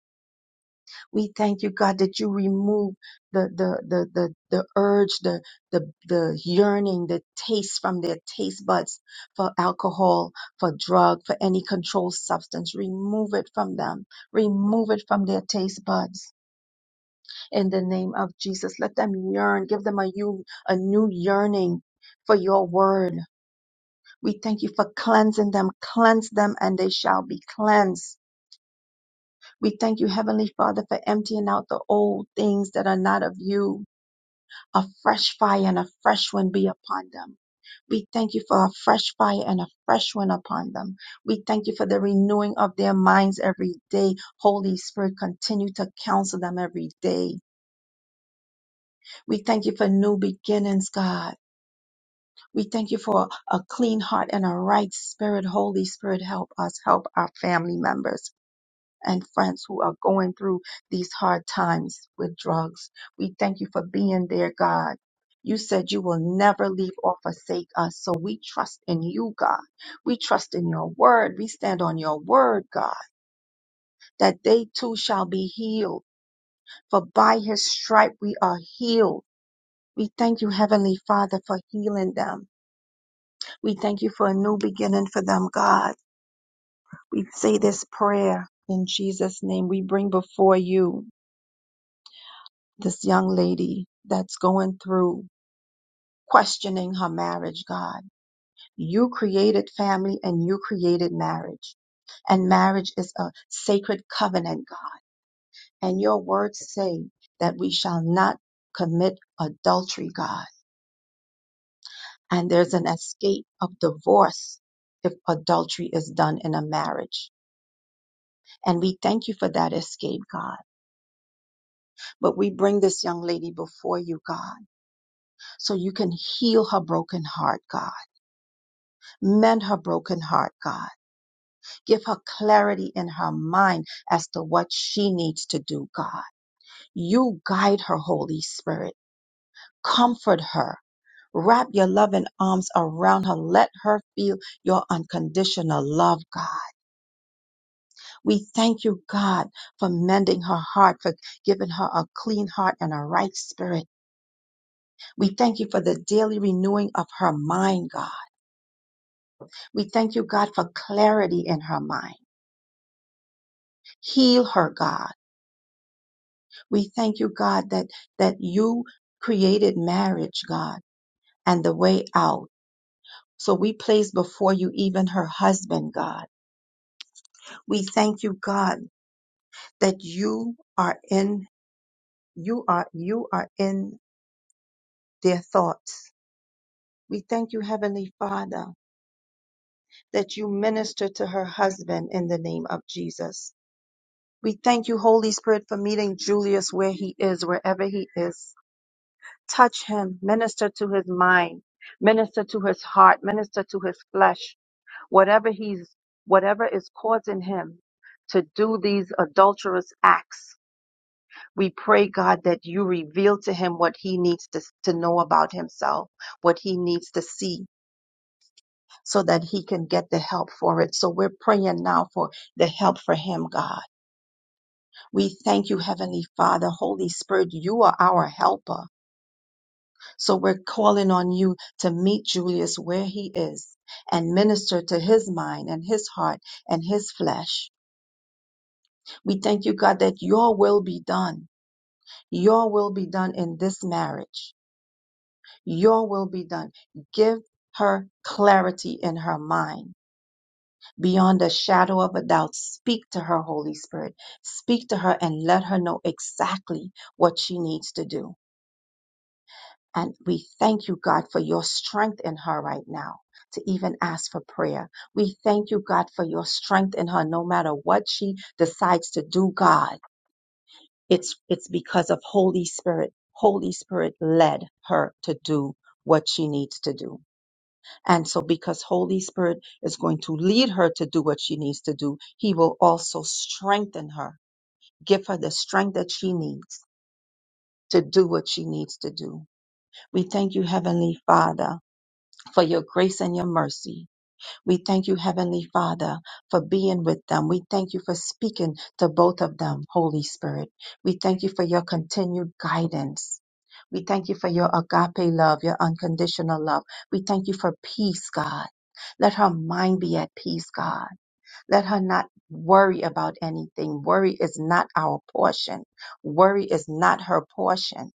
We thank you, God, that you remove the, the, the, the, the urge, the, the, the yearning, the taste from their taste buds for alcohol, for drug, for any controlled substance. Remove it from them. Remove it from their taste buds in the name of Jesus. Let them yearn. Give them a new, a new yearning for your word. We thank you for cleansing them. Cleanse them and they shall be cleansed. We thank you, Heavenly Father, for emptying out the old things that are not of you. A fresh fire and a fresh wind be upon them. We thank you for a fresh fire and a fresh wind upon them. We thank you for the renewing of their minds every day. Holy Spirit, continue to counsel them every day. We thank you for new beginnings, God. We thank you for a clean heart and a right spirit. Holy Spirit, help us, help our family members and friends who are going through these hard times with drugs. We thank you for being there, God. You said you will never leave or forsake us. So we trust in you, God. We trust in your word. We stand on your word, God, that they too shall be healed. For by his stripe we are healed. We thank you, Heavenly Father, for healing them. We thank you for a new beginning for them, God. We say this prayer in Jesus' name. We bring before you this young lady that's going through questioning her marriage, God. You created family and you created marriage. And marriage is a sacred covenant, God. And your words say that we shall not commit adultery, God. And there's an escape of divorce if adultery is done in a marriage. And we thank you for that escape, God. But we bring this young lady before you, God, so you can heal her broken heart, God. Mend her broken heart, God. Give her clarity in her mind as to what she needs to do, God. You guide her, Holy Spirit. Comfort her. Wrap your loving arms around her. Let her feel your unconditional love, God. We thank you, God, for mending her heart, for giving her a clean heart and a right spirit. We thank you for the daily renewing of her mind, God. We thank you, God, for clarity in her mind. Heal her, God. We thank you, God, that, that you created marriage, God, and the way out. So we place before you even her husband, God. We thank you, God, that you are in, you are, you are in their thoughts. We thank you, Heavenly Father, that you minister to her husband in the name of Jesus We thank you, Holy Spirit, for meeting Julius where he is, wherever he is. Touch him, minister to his mind, minister to his heart, minister to his flesh, whatever he's, whatever is causing him to do these adulterous acts. We pray, God, that you reveal to him what he needs to, to know about himself, what he needs to see so that he can get the help for it. So we're praying now for the help for him, God We thank you, Heavenly Father. Holy Spirit, you are our helper. So we're calling on you to meet Julius where he is and minister to his mind and his heart and his flesh. We thank you, God, that your will be done. Your will be done in this marriage. Your will be done. Give her clarity in her mind beyond a shadow of a doubt. Speak to her, Holy Spirit. Speak to her and let her know exactly what she needs to do. And we thank you, God, for your strength in her right now to even ask for prayer. We thank you, God, for your strength in her no matter what she decides to do, God. It's, it's because of Holy Spirit. Holy Spirit led her to do what she needs to do. And so because Holy Spirit is going to lead her to do what she needs to do, he will also strengthen her, give her the strength that she needs to do what she needs to do. We thank you, Heavenly Father for your grace and your mercy. We thank you, Heavenly Father, for being with them. We thank you for speaking to both of them, Holy Spirit. We thank you for your continued guidance. We thank you for your agape love, your unconditional love. We thank you for peace, God. Let her mind be at peace, God. Let her not worry about anything. Worry is not our portion. Worry is not her portion.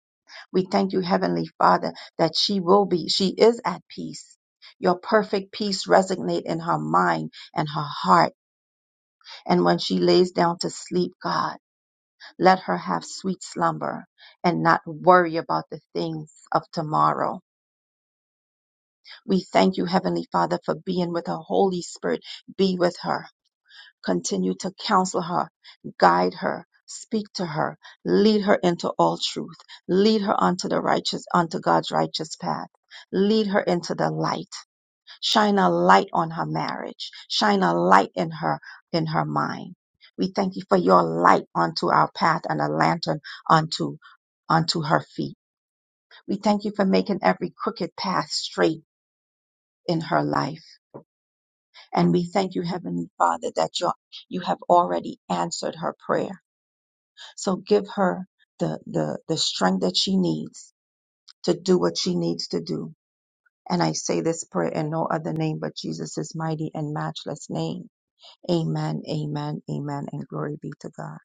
We thank you, Heavenly Father, that she will be, she is at peace. Your perfect peace resonate in her mind and her heart. And when she lays down to sleep, God, let her have sweet slumber and not worry about the things of tomorrow. We thank you, Heavenly Father, for being with her. Holy Spirit, be with her Continue to counsel her, guide her, speak to her, lead her into all truth, lead her unto the righteous, unto God's righteous path, lead her into the light, shine a light on her marriage, shine a light in her, in her mind. We thank you for your light unto our path and a lantern unto unto her feet. We thank you for making every crooked path straight in her life. And we thank you, Heavenly Father, that you you have already answered her prayer So give her the, the, the strength that she needs to do what she needs to do. And I say this prayer in no other name but Jesus' mighty and matchless name. Amen, amen, amen, and glory be to God.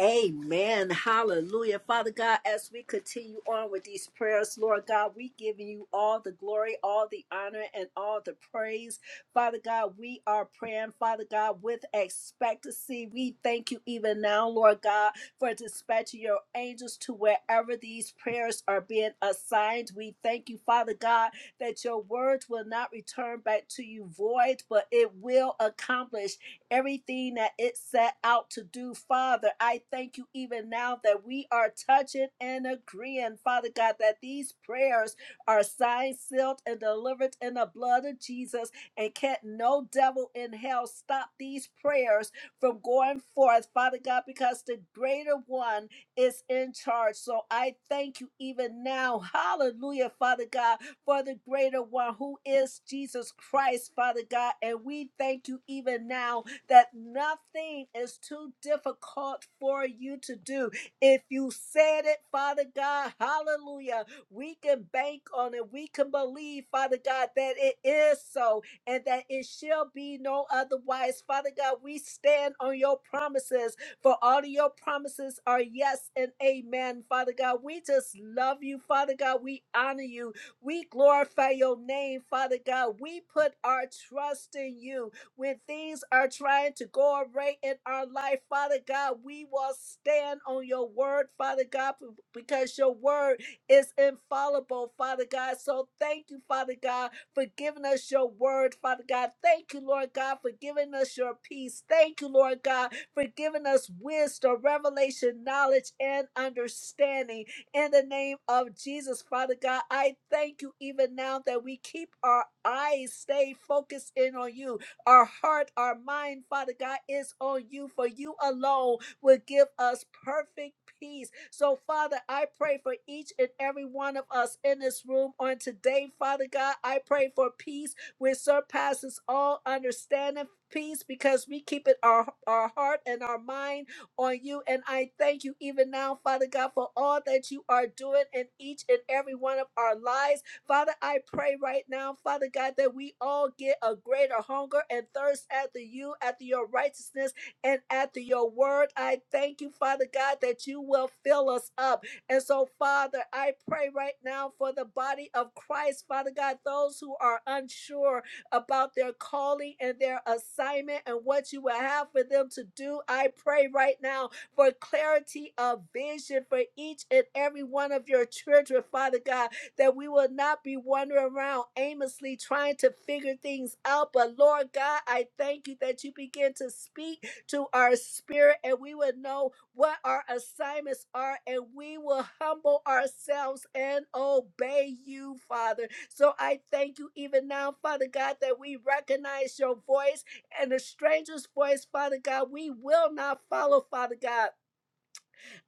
Amen. Hallelujah. Father God, as we continue on with these prayers, Lord God, we give you all the glory, all the honor, and all the praise. Father God, we are praying, Father God, with expectancy. We thank you even now, Lord God, for dispatching your angels to wherever these prayers are being assigned. We thank you, Father God, that your words will not return back to you void, but it will accomplish everything that it set out to do. Father, I thank you even now that we are touching and agreeing, Father God, that these prayers are signed, sealed, and delivered in the blood of Jesus. And can't no devil in hell stop these prayers from going forth, Father God, because the greater one is in charge. So I thank you even now. Hallelujah, Father God, for the greater one who is Jesus Christ, Father God. And we thank you even now that nothing is too difficult for you to do. If you said it, Father God, hallelujah, we can bank on it. We can believe, Father God, that it is so and that it shall be no otherwise. Father God, we stand on your promises, for all of your promises are yes and amen, Father God. We just love you, Father God. We honor you. We glorify your name, Father God. We put our trust in you when things are trying to go awry in our life, Father God, we will stand on your word, Father God, b- because your word is infallible, Father God. So thank you, Father God, for giving us your word, Father God. Thank you, Lord God, for giving us your peace. Thank you, Lord God, for giving us wisdom, revelation, knowledge, and understanding in the name of Jesus, Father God. I thank you even now that we keep our eyes stay focused in on you our heart, our mind, Father God, is on you, for you alone will give us perfect peace. So, Father, I pray for each and every one of us in this room on today, Father God. I pray for peace which surpasses all understanding. Peace because we keep it our, our heart and our mind on you. And I thank you even now, Father God, for all that you are doing in each and every one of our lives. Father, I pray right now, Father God, that we all get a greater hunger and thirst after you, after your righteousness, and after your word. I thank you, Father God, that you will fill us up. And so, Father, I pray right now for the body of Christ, Father God, those who are unsure about their calling and their assignment and what you will have for them to do. I pray right now for clarity of vision for each and every one of your children, Father God that we will not be wandering around aimlessly trying to figure things out. But Lord God, I thank you that you begin to speak to our spirit and we will know what our assignments are and we will humble ourselves and obey you, Father. So I thank you even now, Father God, that we recognize your voice and a stranger's voice, Father God. We will not follow, Father God.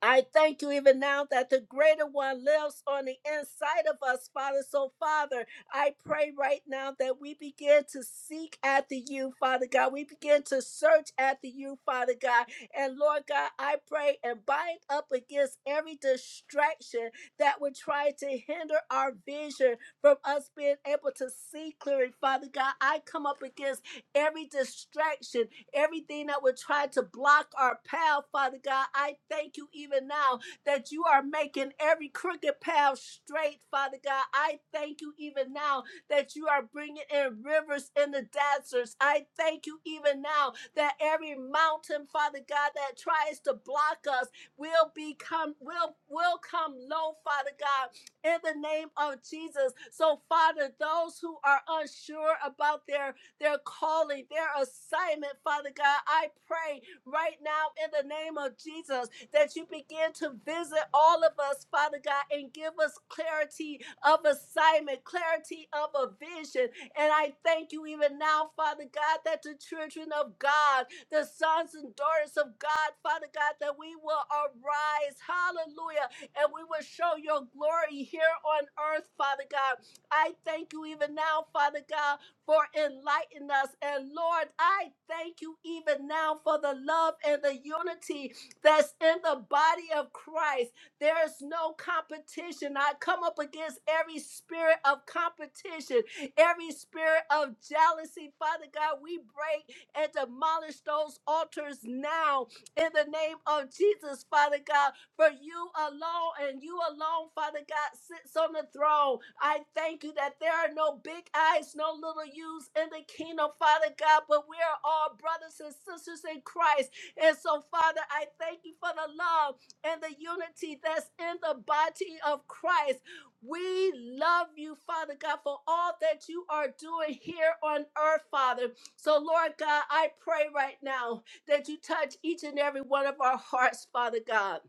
I thank you even now that the greater one lives on the inside of us, Father. So, Father, I pray right now that we begin to seek after you, Father God. We begin to search after you, Father God. And Lord God, I pray and bind up against every distraction that would try to hinder our vision from us being able to see clearly, Father God. I come up against every distraction everything that would try to block our path, Father God. I thank you even now that you are making every crooked path straight, Father God. I thank you even now that you are bringing in rivers in the deserts. I thank you even now that every mountain, Father God, that tries to block us will become will will come low, Father God, in the name of Jesus. So, Father, those who are unsure about their their calling, their assignment, Father God. I pray right now in the name of Jesus that you begin to visit all of us, Father God, and give us clarity of assignment, clarity of a vision. And I thank you even now, Father God, that the children of God, the sons and daughters of God, Father God, that we will arise, hallelujah, and we will show your glory here on earth, Father God. I thank you even now, Father God, for enlightening us. And Lord, I thank you even now for the love and the unity that's in the body of Christ. There is no competition. I come up against every spirit of competition, every spirit of jealousy. Father God, we break and demolish those altars now in the name of Jesus, Father God. For you alone and you alone, Father God, sits on the throne. I thank you that there are no big eyes, no little U's in the kingdom, Father God, but we are all brothers and sisters in Christ. And so, Father, I thank you for the love and the unity that's in the body of Christ. We love you, Father God, for all that you are doing here on earth, Father. So, Lord God, I pray right now that you touch each and every one of our hearts, Father God.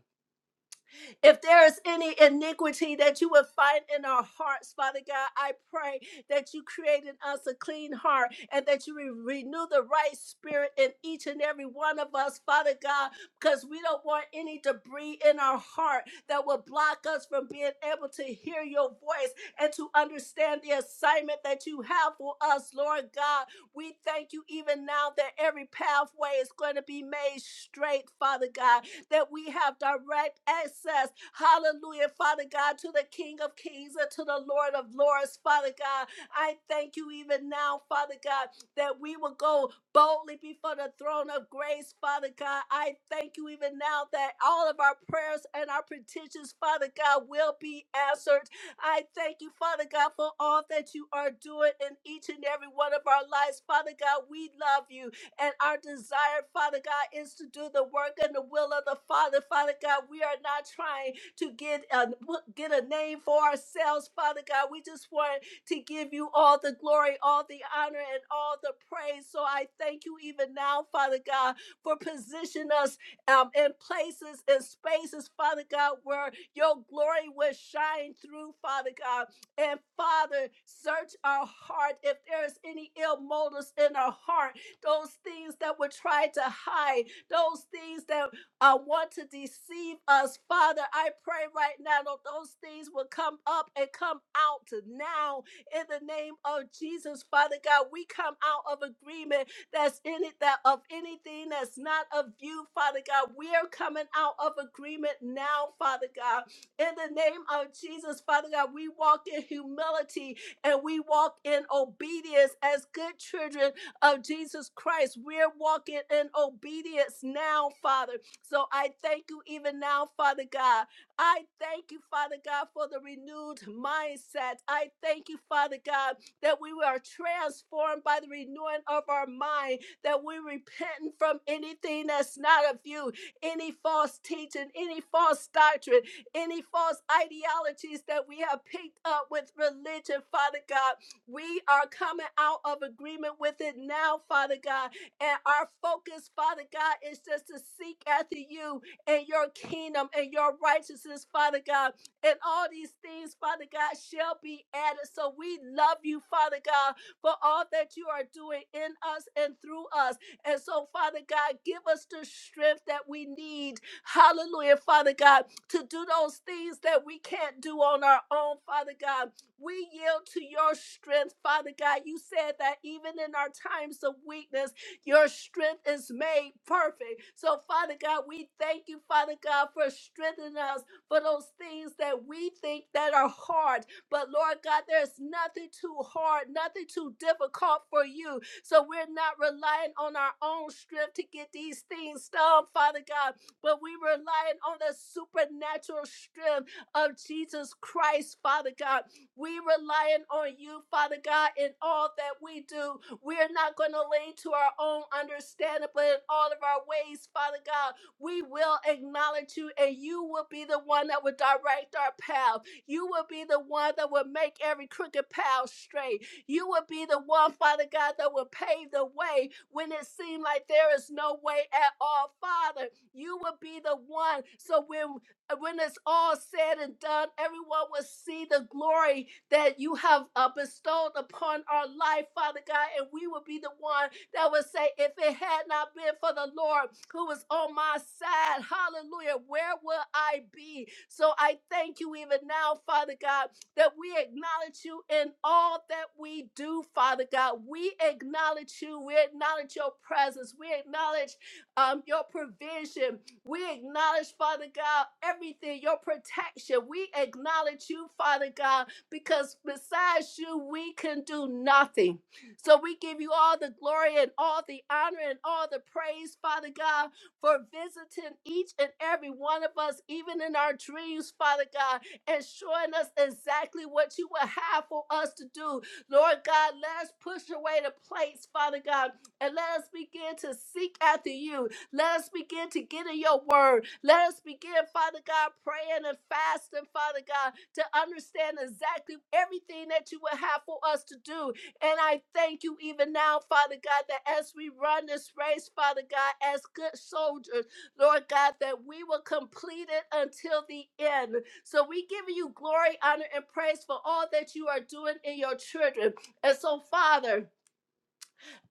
If there is any iniquity that you would find in our hearts, Father God, I pray that you create in us a clean heart and that you re- renew the right spirit in each and every one of us, Father God, because we don't want any debris in our heart that will block us from being able to hear your voice and to understand the assignment that you have for us, Lord God. We thank you even now that every pathway is going to be made straight, Father God that we have direct access, hallelujah, Father God, to the King of Kings and to the Lord of Lords, Father God. I thank you even now, Father God, that we will go boldly before the throne of grace, Father God. I thank you even now that all of our prayers and our petitions, Father God, will be answered. I thank you, Father God, for all that you are doing in each and every one of our lives, Father God. We love you. And our desire, Father God, is to do the work and the will of the Father. Father God, we are not trying to get a, get a name for ourselves, Father God. We just want to give you all the glory, all the honor, and all the praise. So I thank you even now, Father God, for positioning us um, in places and spaces, Father God, where your glory will shine through, Father God. And Father, search our heart. If there is any ill motives in our heart, those things that would try to hide, those things that uh, want to deceive us. Father, I pray right now that those things will come up and come out now in the name of Jesus. Father God, we come out of agreement that's in it, that of anything that's not of you, Father God. We are coming out of agreement now, Father God. In the name of Jesus, Father God, we walk in humility and we walk in obedience as good children of Jesus Christ. We're walking in obedience now, Father. So I thank you even now, Father God. I thank you, Father God, for the renewed mindset. I thank you, Father God, that we are transformed by the renewing of our mind, that we repent from anything that's not of you, any false teaching, any false doctrine, any false ideologies that we have picked up with religion, Father God. We are coming out of agreement with it now, Father God. And our focus, Father God, is just to seek after you and your kingdom and your righteousness, Father God. And all these things, Father God, shall be added. So we love you, Father God, for all that you are doing in us and through us. And so, Father God, give us the strength that we need. Hallelujah, Father God, to do those things that we can't do on our own, Father God. We yield to your strength, Father God. You said that even in our times of weakness, your strength is made perfect. So, Father God, we thank you, Father God, for strengthening us for those things that we think that are hard. But Lord God, there's nothing too hard, nothing too difficult for you. So we're not relying on our own strength to get these things done, Father God, but we relying on the supernatural strength of Jesus Christ, Father God. We relying on you, Father God, in all that we do. We're not going to lean to our own understanding, but in all of our ways, Father God, we will acknowledge you, and you will be the one that will direct our path. You will be the one that will make every crooked path straight. You will be the one, Father God, that will pave the way when it seemed like there is no way at all, Father. You will be the one. So when and when it's all said and done, everyone will see the glory that you have uh, bestowed upon our life, Father God. And we will be the one that will say, if it had not been for the Lord who was on my side, hallelujah, where will I be? So I thank you even now, Father God, that we acknowledge you in all that we do, Father God. We acknowledge you. We acknowledge your presence. We acknowledge um, your provision. We acknowledge, Father God, everything, your protection. We acknowledge you, Father God, because besides you, we can do nothing. So we give you all the glory and all the honor and all the praise, Father God, for visiting each and every one of us, even in our dreams, Father God, and showing us exactly what you would have for us to do. Lord God, let us push away the plates, Father God, and let us begin to seek after you. Let us begin to get in your word. Let us begin, Father God, praying and fasting, Father God, to understand exactly everything that you would have for us to do. And I thank you even now, Father God, that as we run this race, Father God, as good soldiers, Lord God, that we will complete it until the end. So we give you glory, honor, and praise for all that you are doing in your children. And so, Father,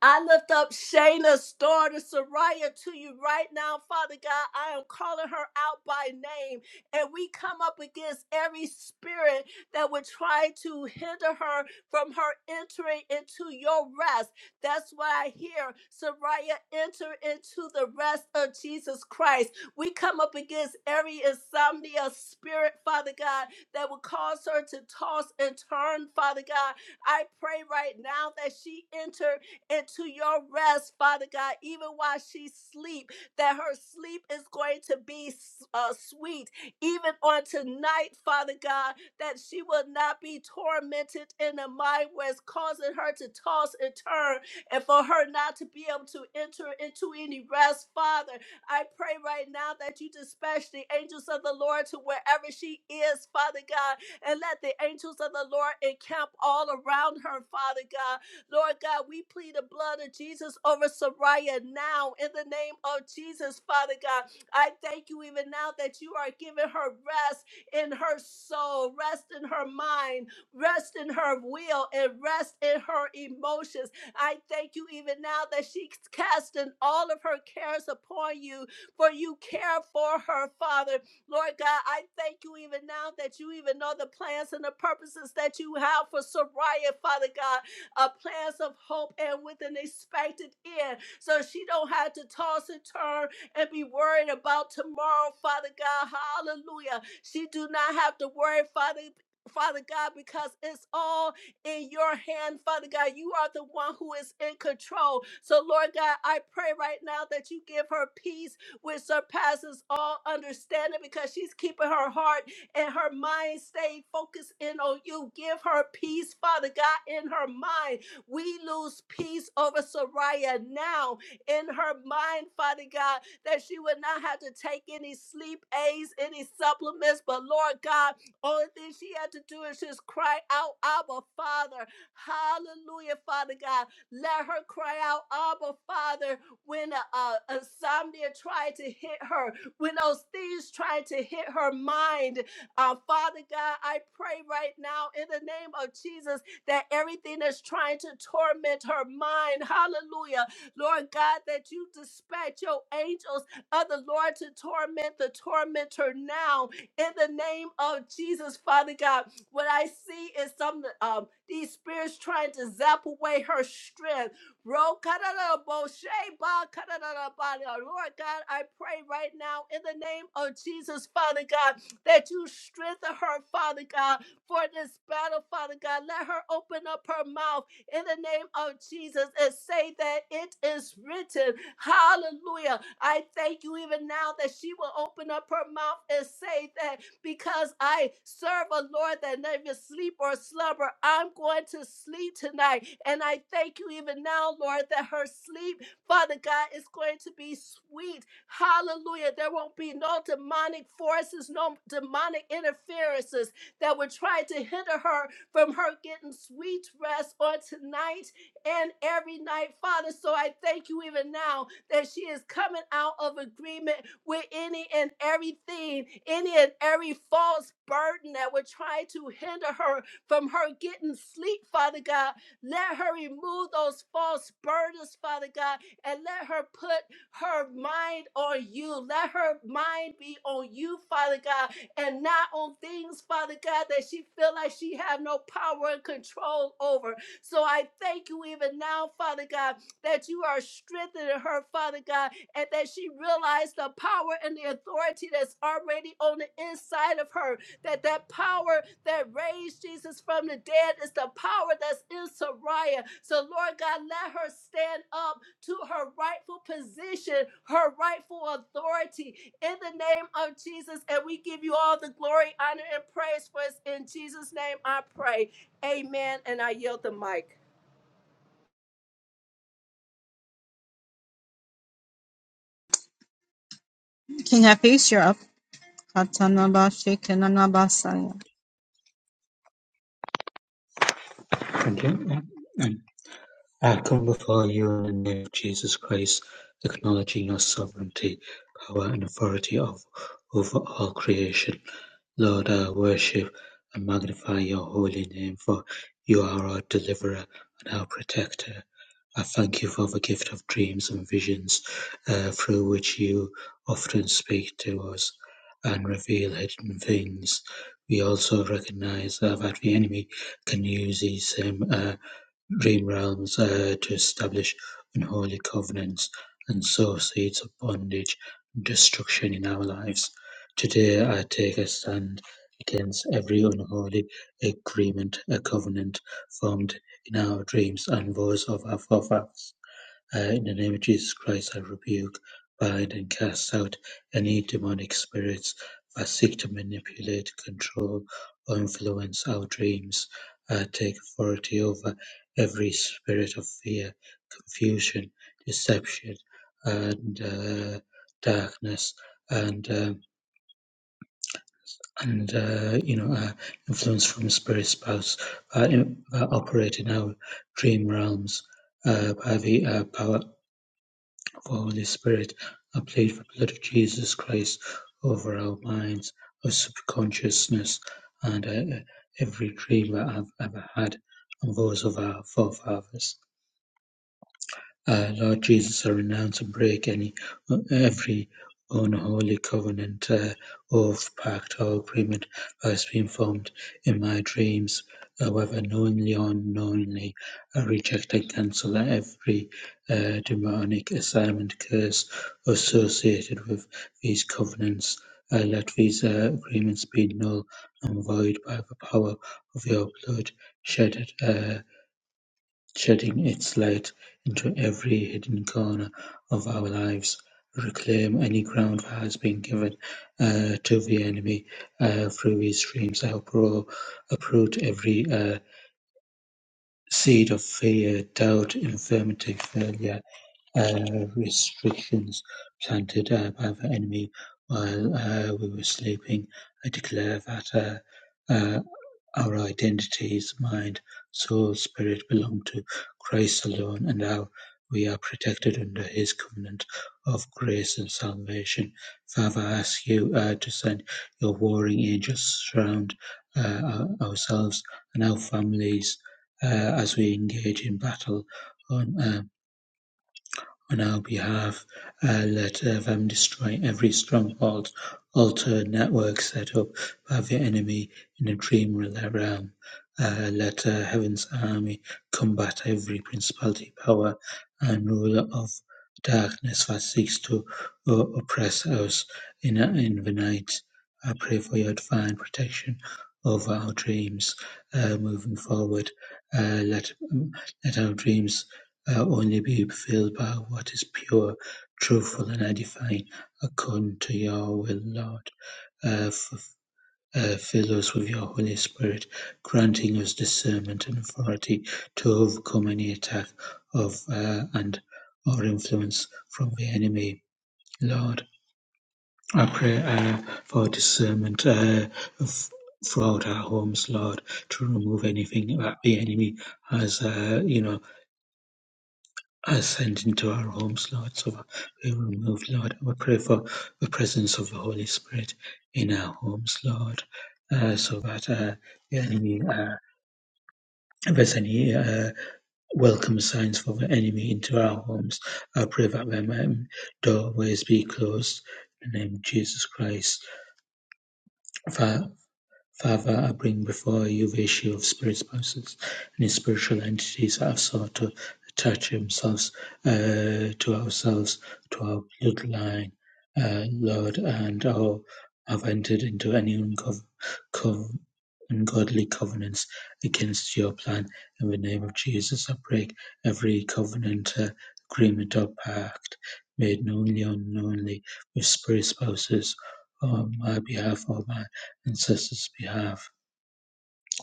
I lift up Shayna's daughter, Soraya, to you right now, Father God. I am calling her out by name. And we come up against every spirit that would try to hinder her from her entering into your rest. That's why I hear. Soraya, enter into the rest of Jesus Christ. We come up against every insomnia spirit, Father God, that would cause her to toss and turn, Father God. I pray right now that she enter into your rest, Father God, even while she sleep, that her sleep is going to be uh, sweet, even on tonight, Father God, that she will not be tormented in the mind where it's causing her to toss and turn and for her not to be able to enter into any rest, Father. I pray right now that you dispatch the angels of the Lord to wherever she is, Father God, and let the angels of the Lord encamp all around her, Father God, Lord God, we plead the blood of Jesus over Soraya now in the name of Jesus, Father God. I thank you even now that you are giving her rest in her soul, rest in her mind, rest in her will, and rest in her emotions. I thank you even now that she's casting all of her cares upon you, for you care for her, Father. Lord God, I thank you even now that you even know the plans and the purposes that you have for Soraya, Father God a plans of hope and with an expected end. So she don't have to toss and turn and be worried about tomorrow, Father God. Hallelujah. She do not have to worry, Father. Father God, because it's all in your hand, Father God. You are the one who is in control. So, Lord God, I pray right now that you give her peace which surpasses all understanding because she's keeping her heart and her mind stayed focused in on you. Give her peace, Father God, in her mind. We lose peace over Soraya now in her mind, Father God, that she would not have to take any sleep aids, any supplements. But Lord God, only thing she had to do is just cry out, Abba, Father. Hallelujah, Father God. Let her cry out, Abba, Father, when uh, uh, insomnia tried to hit her, when those things tried to hit her mind uh, Father God, I pray right now in the name of Jesus that everything that's trying to torment her mind, hallelujah, Lord God, that you dispatch your angels of the Lord to torment the tormentor now in the name of Jesus, Father God. What I see is some um these spirits trying to zap away her strength. Ro- kadarabo- sheba- kadarabada. Lord God, I pray right now in the name of Jesus, Father God, that you strengthen her, Father God, for this battle, Father God. Let her open up her mouth in the name of Jesus and say that it is written. Hallelujah. I thank you even now that she will open up her mouth and say that because I serve a Lord that never sleep or slumber. I'm going to sleep tonight. And I thank you even now, Lord, that her sleep, Father God, is going to be sweet Hallelujah. There won't be no demonic forces, no demonic interferences that would try to hinder her from her getting sweet rest on tonight and every night, Father. So I thank you even now that she is coming out of agreement with any and everything, any and every false burden that would try to hinder her from her getting sleep, Father God. Let her remove those false burdens, Father God, and let her put her mind on you. Let her mind be on you, Father God, and not on things, Father God, that she feel like she have no power and control over. So I thank you even now, Father God, that you are strengthening her, Father God, and that she realized the power and the authority that's already on the inside of her that that power that raised Jesus from the dead is the power that's in Sariah. So, Lord God, let her stand up to her rightful position, her rightful authority in the name of Jesus. And we give you all the glory, honor, and praise for us. In Jesus' name I pray. Amen. And I yield the mic.
King of Peace, you're up.
And, and I come before you in the name of Jesus Christ, acknowledging your sovereignty, power, and authority of, over all creation. Lord, I worship and magnify your holy name, for you are our deliverer and our protector. I thank you for the gift of dreams and visions uh, through which you often speak to us and reveal hidden things. We also recognize uh, that the enemy can use these same. Uh, dream realms uh, to establish unholy covenants and sow seeds of bondage and destruction in our lives. Today, I take a stand against every unholy agreement, a covenant formed in our dreams and vows of our forefathers. Uh, In the name of Jesus Christ, I rebuke, bind, and cast out any demonic spirits that seek to manipulate, control, or influence our dreams. I take authority over every spirit of fear, confusion, deception, and uh, darkness. And um and uh, you know uh, influence from spirit spouse uh, in, that uh, operate in our dream realms uh, by the uh, power of Holy Spirit, apply the blood of Jesus Christ over our minds, our subconsciousness, and uh, every dream that I've ever had, and those of our forefathers. Uh, Lord Jesus, I renounce and break any every unholy covenant, uh, oath, pact, or agreement that has been formed in my dreams, uh, whether knowingly or unknowingly. I reject and cancel every uh, demonic assignment, curse associated with these covenants. Uh, let these uh, agreements be null and void by the power of your blood shed. at uh, Shedding its light into every hidden corner of our lives, reclaim any ground that has been given uh, to the enemy. Uh, through these streams, I upro- uproot every uh, seed of fear, doubt, infirmity, failure, uh, restrictions planted uh, by the enemy while uh, we were sleeping. I declare that. Uh, uh, our identities, mind, soul, spirit belong to Christ alone, and now we are protected under his covenant of grace and salvation. Father, I ask you uh, to send your warring angels around uh, ourselves and our families uh, as we engage in battle on uh, on our behalf, Uh, let uh, them destroy every stronghold, altar, network set up by the enemy in the dream realm. Uh, let uh, heaven's army combat every principality, power, and ruler of darkness that seeks to uh, oppress us in, uh, in the night. I pray for your divine protection over our dreams uh, moving forward. Uh, let, let our dreams will only be filled by what is pure, truthful, and edifying, according to your will, Lord. Uh, f- uh, fill us with your Holy Spirit, granting us discernment and authority to overcome any attack of uh, and or influence from the enemy, Lord. I pray uh, for discernment uh, f- throughout our homes, Lord, to remove anything that the enemy has, uh, you know, ascend into our homes, Lord. So we will move, Lord. We pray for the presence of the Holy Spirit in our homes, Lord. Uh, so that uh, the enemy, uh, if there's any uh, welcome signs for the enemy into our homes, I pray that their um, doorways be closed in the name of Jesus Christ. Father, Father, I bring before you the issue of spirit spouses. Any spiritual entities that have sought to attach themselves uh, to ourselves, to our bloodline, uh, Lord, and all have entered into any uncov- cov- ungodly covenants against your plan. In the name of Jesus, I break every covenant, uh, agreement, or pact made knowingly or unknowingly with spirit spouses on my behalf or mine ancestors' behalf,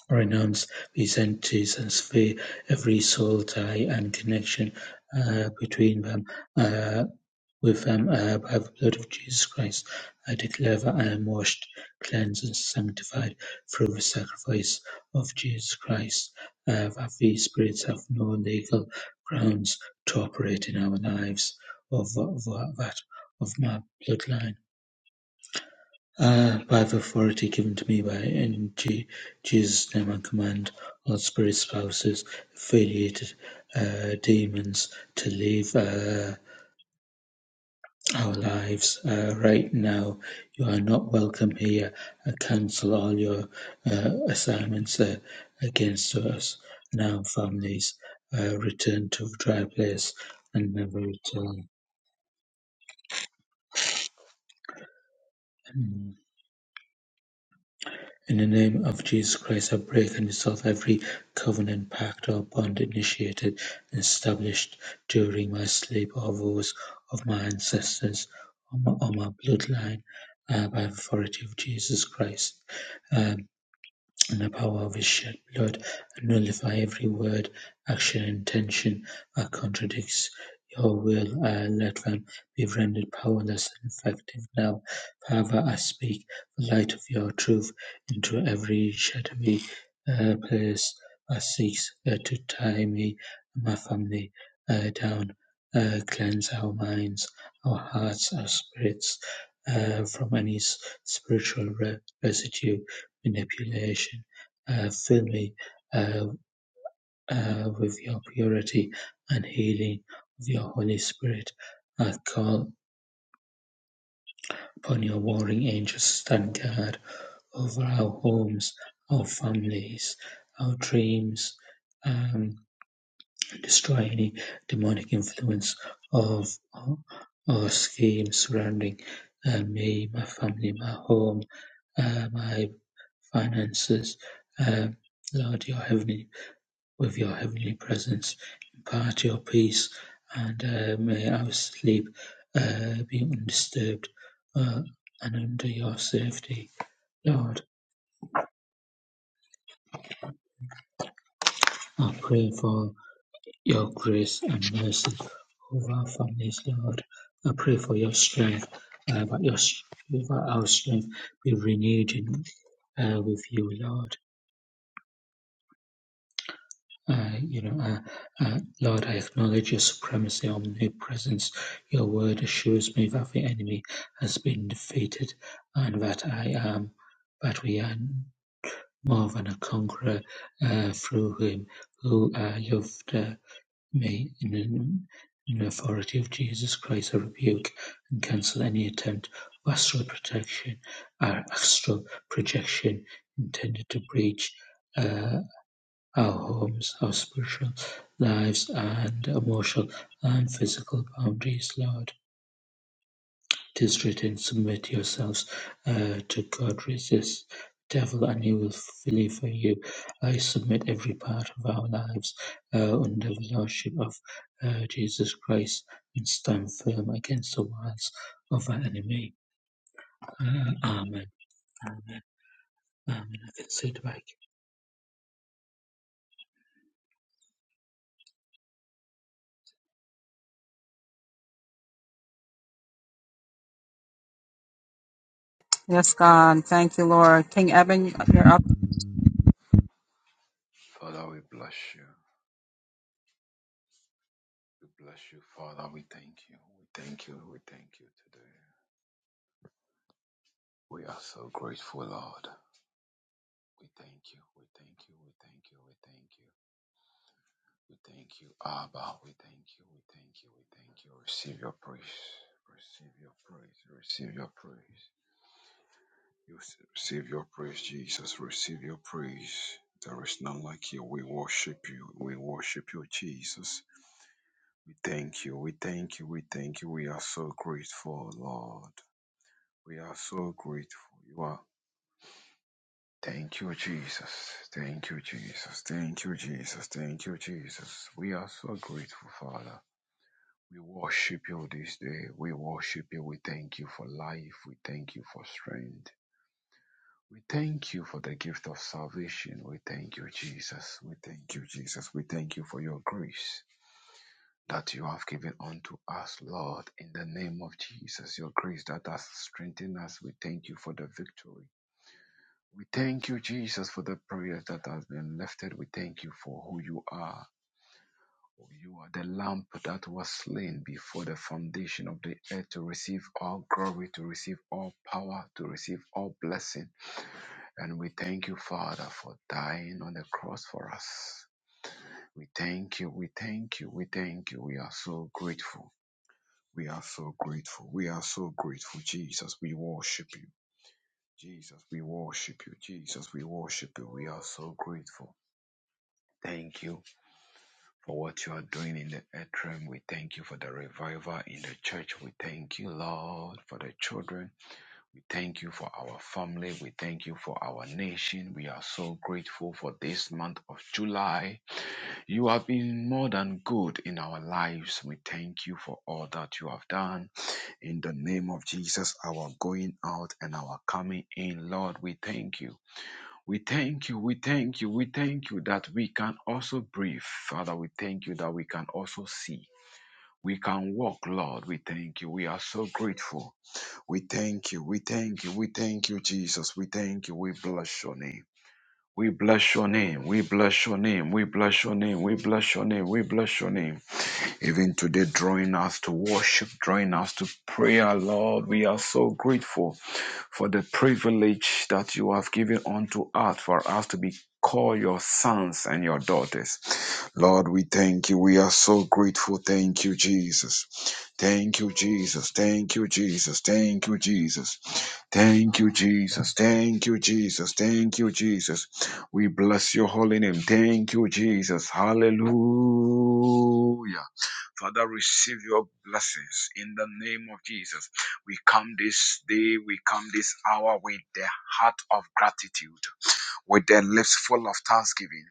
renounce these entities and sever every soul tie and connection uh, between them uh, with them uh, by the blood of Jesus Christ. I declare that I am washed, cleansed, and sanctified through the sacrifice of Jesus Christ, uh, that these spirits have no legal grounds to operate in our lives or tha- tha- that of my bloodline uh, By the authority given to me by in Je- Jesus' name I command all spirit spouses, affiliated uh, demons to leave uh, our lives uh, right now. You are not welcome here. I cancel all your uh, assignments uh, against us. Now, families, uh, return to dry place and never return. In the name of Jesus Christ, I break and dissolve every covenant, pact, or bond initiated and established during my sleep or vows of my ancestors or my, or my bloodline uh, by the authority of Jesus Christ. Um, and the power of His shed blood, and nullify every word, action, and intention that contradicts your will. I let them be rendered powerless and effective now. Father, I speak the light of your truth into every shadowy uh, place that seeks uh, to tie me and my family uh, down. Uh, cleanse our minds, our hearts, our spirits uh, from any s- spiritual re- residue, manipulation uh, fill me uh, uh, with your purity and healing of your Holy Spirit. I call upon your warring angels to stand guard over our homes, our families, our dreams, um, destroy any demonic influence of or, or schemes surrounding uh, me, my family, my home, uh, my finances. Uh, Lord, your heavenly with your heavenly presence. Impart your peace, and uh, may our sleep uh, be undisturbed uh, and under your safety. Lord, I pray for your grace and mercy over our families, Lord. I pray for your strength, uh, that your, s- that our strength be renewed in, uh, with you, Lord. uh, you know, uh, uh, Lord, I acknowledge your supremacy, omnipresence. Your word assures me that the enemy has been defeated and that I am, that we are more than a conqueror uh, through him who uh, loved uh, me in, in in the authority of Jesus Christ. I rebuke and cancel any attempt of astral protection or astral projection intended to breach. Uh, our homes, our spiritual lives and emotional and physical boundaries, Lord. It is written, Submit yourselves uh, to God, resist the devil, and he will flee for you. I submit every part of our lives uh, under the Lordship of uh, Jesus Christ and stand firm against the wiles of our enemy. Uh, amen. Amen. I can say it back.
Yes, God. Thank you, Lord. King Evan, you're up.
Father, we bless you. We bless you, Father. We thank you. We thank you. We thank you today. We are so grateful, Lord. We thank you. We thank you. We thank you. We thank you. We thank you, Abba. We thank you. We thank you. We thank you. Receive your praise. Receive your praise. Receive your praise. You s- receive your praise, Jesus. Receive your praise. There is none like you. We worship you. We worship you, Jesus. We thank you. We thank you. We thank you. We are so grateful, Lord. We are so grateful. You are. Thank you, Jesus. Thank you, Jesus. Thank you, Jesus. Thank you, Jesus. We are so grateful, Father. We worship you this day. We worship you. We thank you for life. We thank you for strength. We thank you for the gift of salvation. We thank you, Jesus. We thank you, Jesus. We thank you for your grace. that you have given unto us, Lord, in the name of Jesus, your grace that has strengthened us. We thank you for the victory. We thank you, Jesus, for the prayers that has been lifted. We thank you for who you are. You are the lamp that was slain before the foundation of the earth to receive all glory, to receive all power, to receive all blessing. And we thank you, Father, for dying on the cross for us. We thank you, we thank you, we thank you. We are so grateful. We are so grateful. We are so grateful. Jesus, we worship you. Jesus, we worship you. Jesus, we worship you. We are so grateful. Thank you for what you are doing in the earth realm. We thank you for the revival in the church. We thank you, Lord, for the children. We thank you for our family. We thank you for our nation. We are so grateful for this month of July. You have been more than good in our lives. We thank you for all that you have done. In the name of Jesus, our going out and our coming in, Lord, we thank you. We thank you. We thank you. We thank you that we can also breathe. Father, we thank you that we can also see. We can walk, Lord. We thank you. We are so grateful. We thank you. We thank you. We thank you, Jesus. We thank you. We bless your name. We bless your name. We bless your name. We bless your name. We bless your name. We bless your name. Even today, drawing us to worship, drawing us to prayer, Lord. We are so grateful for the privilege that you have given unto us for us to be called your sons and your daughters. Lord, we thank you. We are so grateful. Thank you, Jesus. Thank you, Jesus. Thank you, Jesus. Thank you, Jesus. Thank you, Jesus. Thank you, Jesus. Thank you, Jesus. We bless your holy name. Thank you, Jesus. Hallelujah. Father, receive your blessings in the name of Jesus. We come this day, we come this hour with the heart of gratitude, with the lips full of thanksgiving,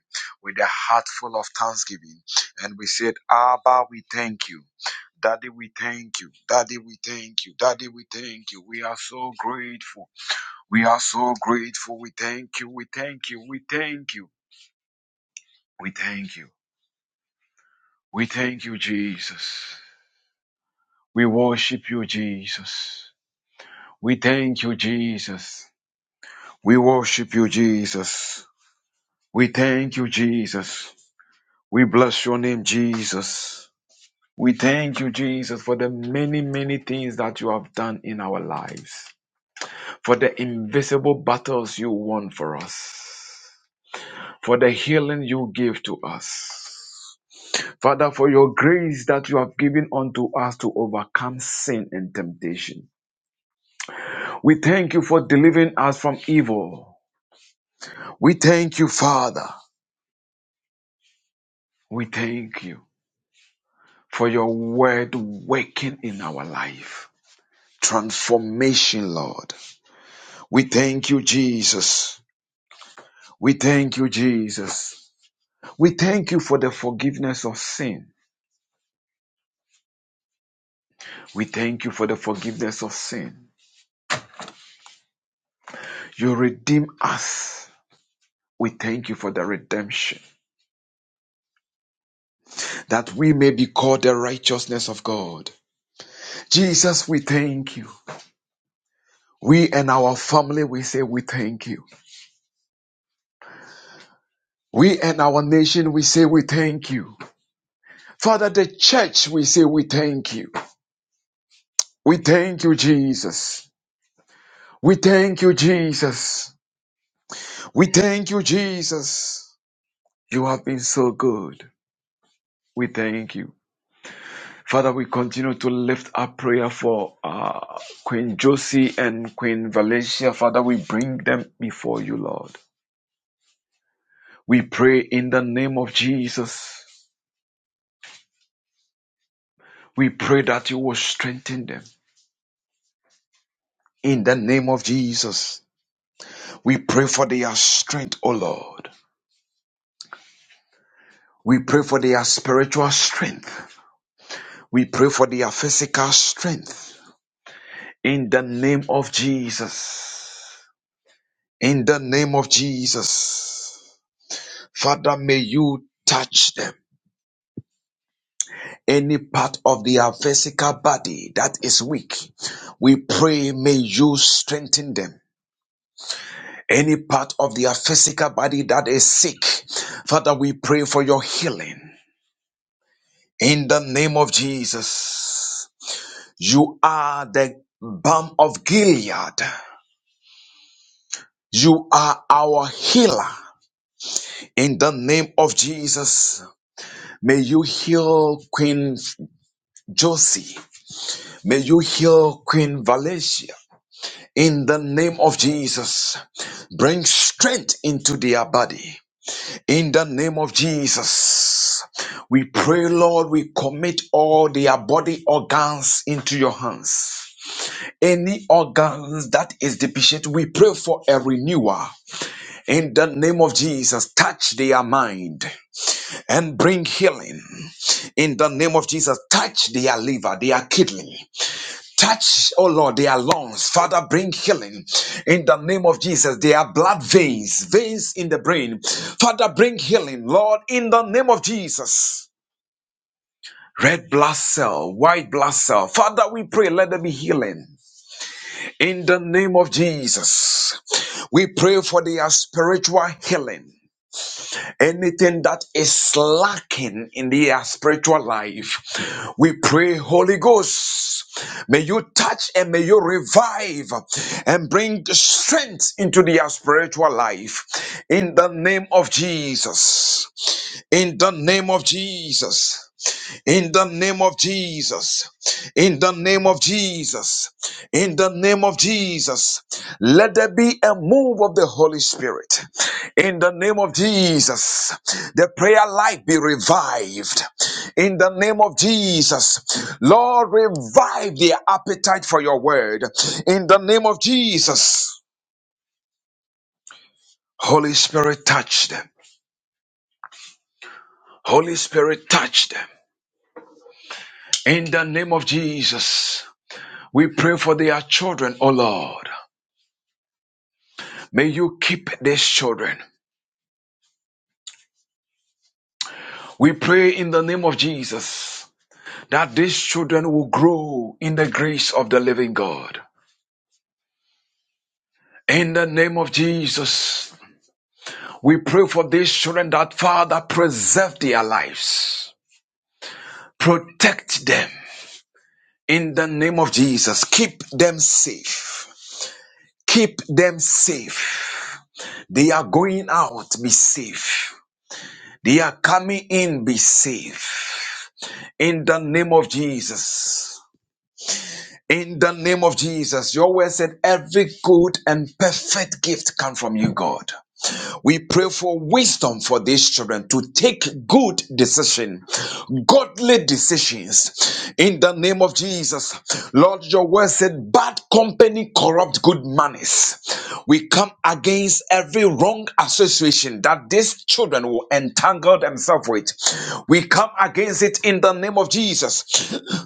with the heart full of thanksgiving. And we said, Abba, we thank you. Daddy, we thank you. Daddy, we thank you. Daddy, we thank you. We are so grateful. We are so grateful. We thank you. We thank you. We thank you. We thank you. We thank you, Jesus. We worship you, Jesus. We thank you, Jesus. We worship you, Jesus. We thank you, Jesus. We bless your name, Jesus. We thank you, Jesus, for the many, many things that you have done in our lives, for the invisible battles you won for us, for the healing you give to us. Father, for your grace that you have given unto us to overcome sin and temptation. We thank you for delivering us from evil. We thank you, Father. We thank you for your word working in our life. Transformation, Lord. We thank you, Jesus. We thank you, Jesus. We thank you for the forgiveness of sin. We thank you for the forgiveness of sin. You redeem us. We thank you for the redemption that we may be called the righteousness of God. Jesus, we thank you. We and our family, we say we thank you. We and our nation, we say we thank you. Father, the church, we say we thank you. We thank you, Jesus. We thank you, Jesus. We thank you, Jesus. You have been so good. We thank you. Father, we continue to lift up prayer for uh, Queen Josie and Queen Valencia. Father, we bring them before you, Lord. We pray in the name of Jesus. We pray that you will strengthen them. In the name of Jesus, we pray for their strength, O Lord. We pray for their spiritual strength. We pray for their physical strength. In the name of Jesus. In the name of Jesus. Father, may you touch them. Any part of their physical body that is weak, we pray may you strengthen them. Any part of their physical body that is sick, Father, we pray for your healing. In the name of Jesus. You are the balm of Gilead. You are our healer. In the name of Jesus, may you heal Queen Josie. May you heal Queen Valencia. In the name of Jesus, bring strength into their body. In the name of Jesus, we pray, Lord, we commit all their body organs into your hands. Any organs that is deficient, we pray for a renewal. In the name of Jesus, touch their mind and bring healing. In the name of Jesus, touch their liver, their kidney. Touch, oh Lord, their lungs. Father, bring healing. In the name of Jesus, their blood veins, veins in the brain. Father, bring healing, Lord, in the name of Jesus. Red blood cell, white blood cell. Father, we pray, let there be healing. In the name of Jesus, we pray for their spiritual healing. anything that is lacking in their spiritual life. We pray, Holy Ghost, may you touch and may you revive and bring strength into their spiritual life. In the name of Jesus. In the name of Jesus. In the name of Jesus, in the name of Jesus, in the name of Jesus, let there be a move of the Holy Spirit. In the name of Jesus, the prayer life be revived. In the name of Jesus, Lord, revive their appetite for your word. In the name of Jesus, Holy Spirit, touch them. Holy Spirit, touch them. In the name of Jesus, we pray for their children, O Lord. May you keep these children. We pray in the name of Jesus that these children will grow in the grace of the living God. In the name of Jesus, we pray for these children that Father preserve their lives, protect them. In the name of Jesus, keep them safe. Keep them safe. They are going out, be safe. They are coming in, be safe. In the name of Jesus. In the name of Jesus, your word said every good and perfect gift comes from you, God. We pray for wisdom for these children to take good decision, godly decisions. In the name of Jesus, Lord, your word said, "Bad company corrupt good manners." We come against every wrong association that these children will entangle themselves with. We come against it in the name of Jesus,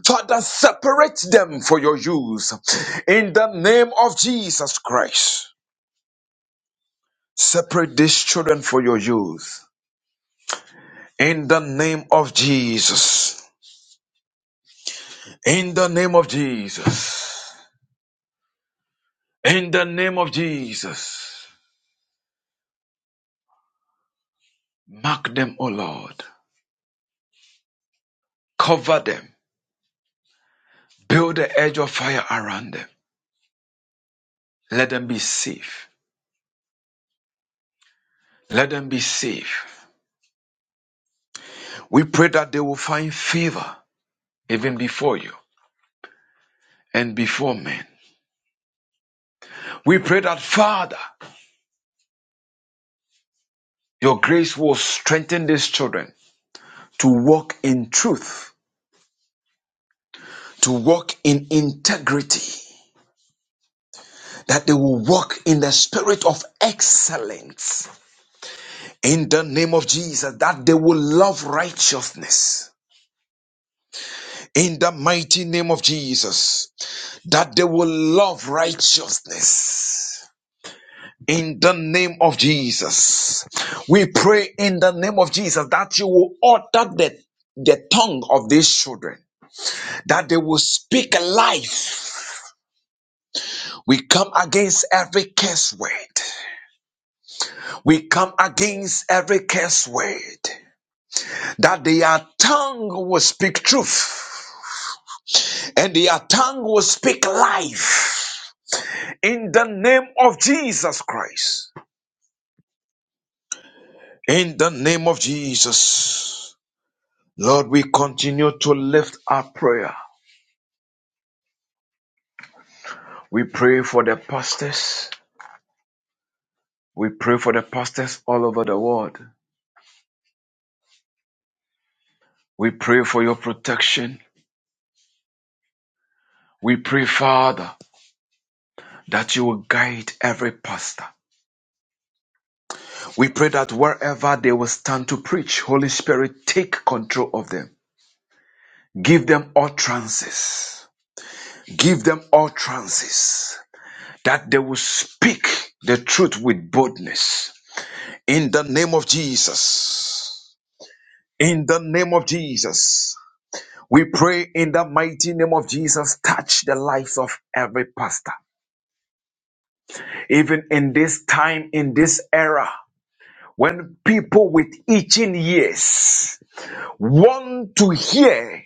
Father. Separate them for your use. In the name of Jesus Christ, separate these children for your use. In the name of Jesus. In the name of Jesus. In the name of Jesus. Mark them, O Lord. Cover them. Build the edge of fire around them. Let them be safe. Let them be safe. We pray that they will find favor even before you and before men. We pray that, Father, your grace will strengthen these children to walk in truth, to walk in integrity that they will walk in the spirit of excellence in the name of Jesus, that they will love righteousness in the mighty name of Jesus, that they will love righteousness. In the name of Jesus, we pray in the name of Jesus that you will utter the, the tongue of these children, that they will speak life. We come against every curse word. We come against every curse word. that their tongue will speak truth and their tongue will speak life in the name of Jesus Christ. In the name of Jesus, Lord, we continue to lift our prayer. We pray for the pastors. We pray for the pastors all over the world. We pray for your protection. We pray, Father, that you will guide every pastor. We pray that wherever they will stand to preach, Holy Spirit, take control of them. Give them utterances. Give them utterances that they will speak the truth with boldness. In the name of Jesus. In the name of Jesus. We pray in the mighty name of Jesus, touch the lives of every pastor. Even in this time, in this era, when people with itching ears want to hear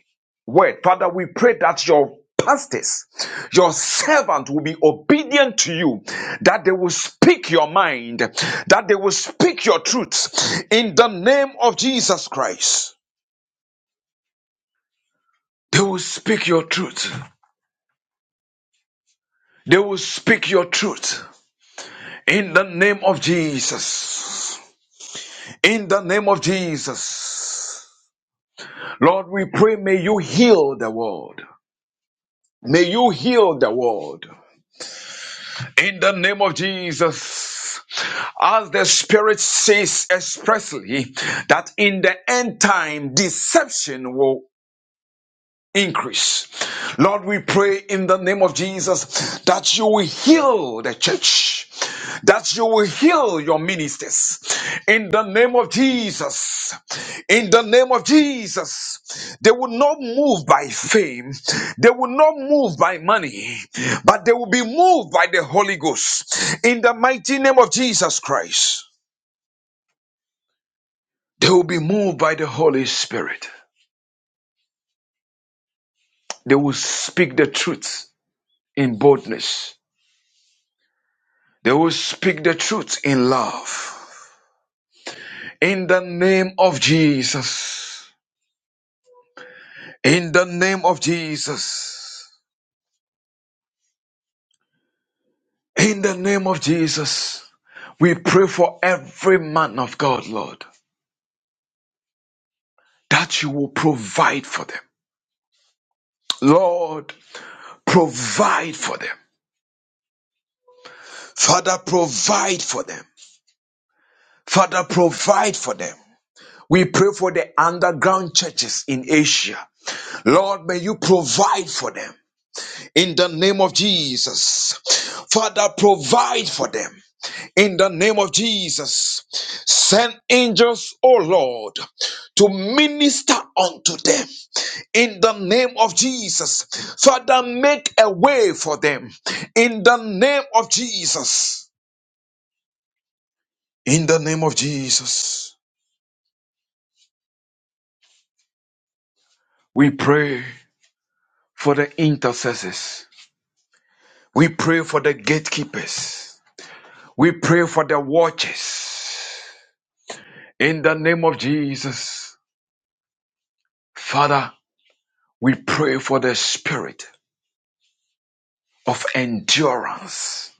word. Father, we pray that your pastors, your servant will be obedient to you, that they will speak your mind, that they will speak your truth in the name of Jesus Christ. They will speak your truth. They will speak your truth in the name of Jesus. In the name of Jesus. Lord, we pray, may you heal the world. May you heal the world. In the name of Jesus, as the Spirit says expressly that in the end time, deception will increase. Lord, we pray in the name of Jesus that you will heal the church, that you will heal your ministers. In the name of Jesus, in the name of Jesus, they will not move by fame, they will not move by money, but they will be moved by the Holy Ghost. In the mighty name of Jesus Christ, they will be moved by the Holy Spirit. They will speak the truth in boldness They will speak the truth in love. In the name of Jesus. In the name of Jesus. In the name of Jesus. We pray for every man of God, Lord, that you will provide for them. Lord, provide for them. Father, provide for them. Father, provide for them. We pray for the underground churches in Asia. Lord, may you provide for them. in the name of Jesus. Father, provide for them in the name of Jesus. Send angels, O Lord, to minister unto them in the name of Jesus. Father, make a way for them in the name of Jesus. In the name of Jesus, we pray for the intercessors. We pray for the gatekeepers. We pray for the watchers. In the name of Jesus. Father, we pray for the spirit of endurance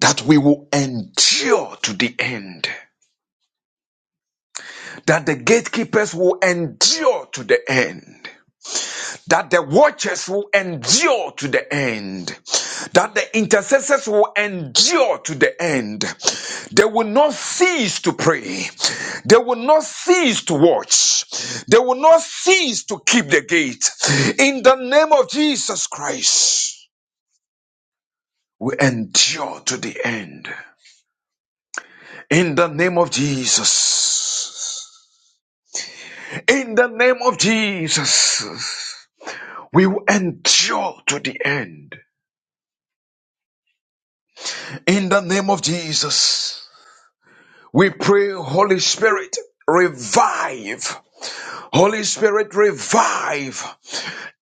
that we will endure to the end, that the gatekeepers will endure to the end, that the watchers will endure to the end, that the intercessors will endure to the end. They will not cease to pray, they will not cease to watch, they will not cease to keep the gate in the name of Jesus Christ. We endure to the end. In the name of Jesus. In the name of Jesus. We will endure to the end. In the name of Jesus. We pray, Holy Spirit, revive. Holy Spirit, revive.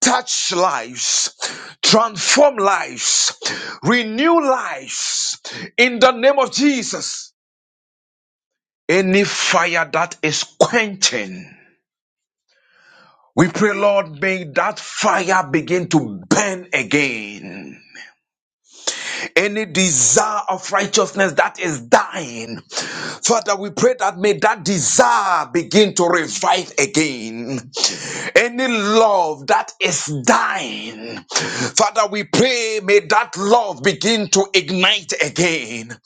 Touch lives. Transform lives. Renew lives. In the name of Jesus. Any fire that is quenching. We pray, Lord, may that fire begin to burn again. Any desire of righteousness that is dying. Father, we pray that may that desire begin to revive again. Any love that is dying. Father, we pray, may that love begin to ignite again.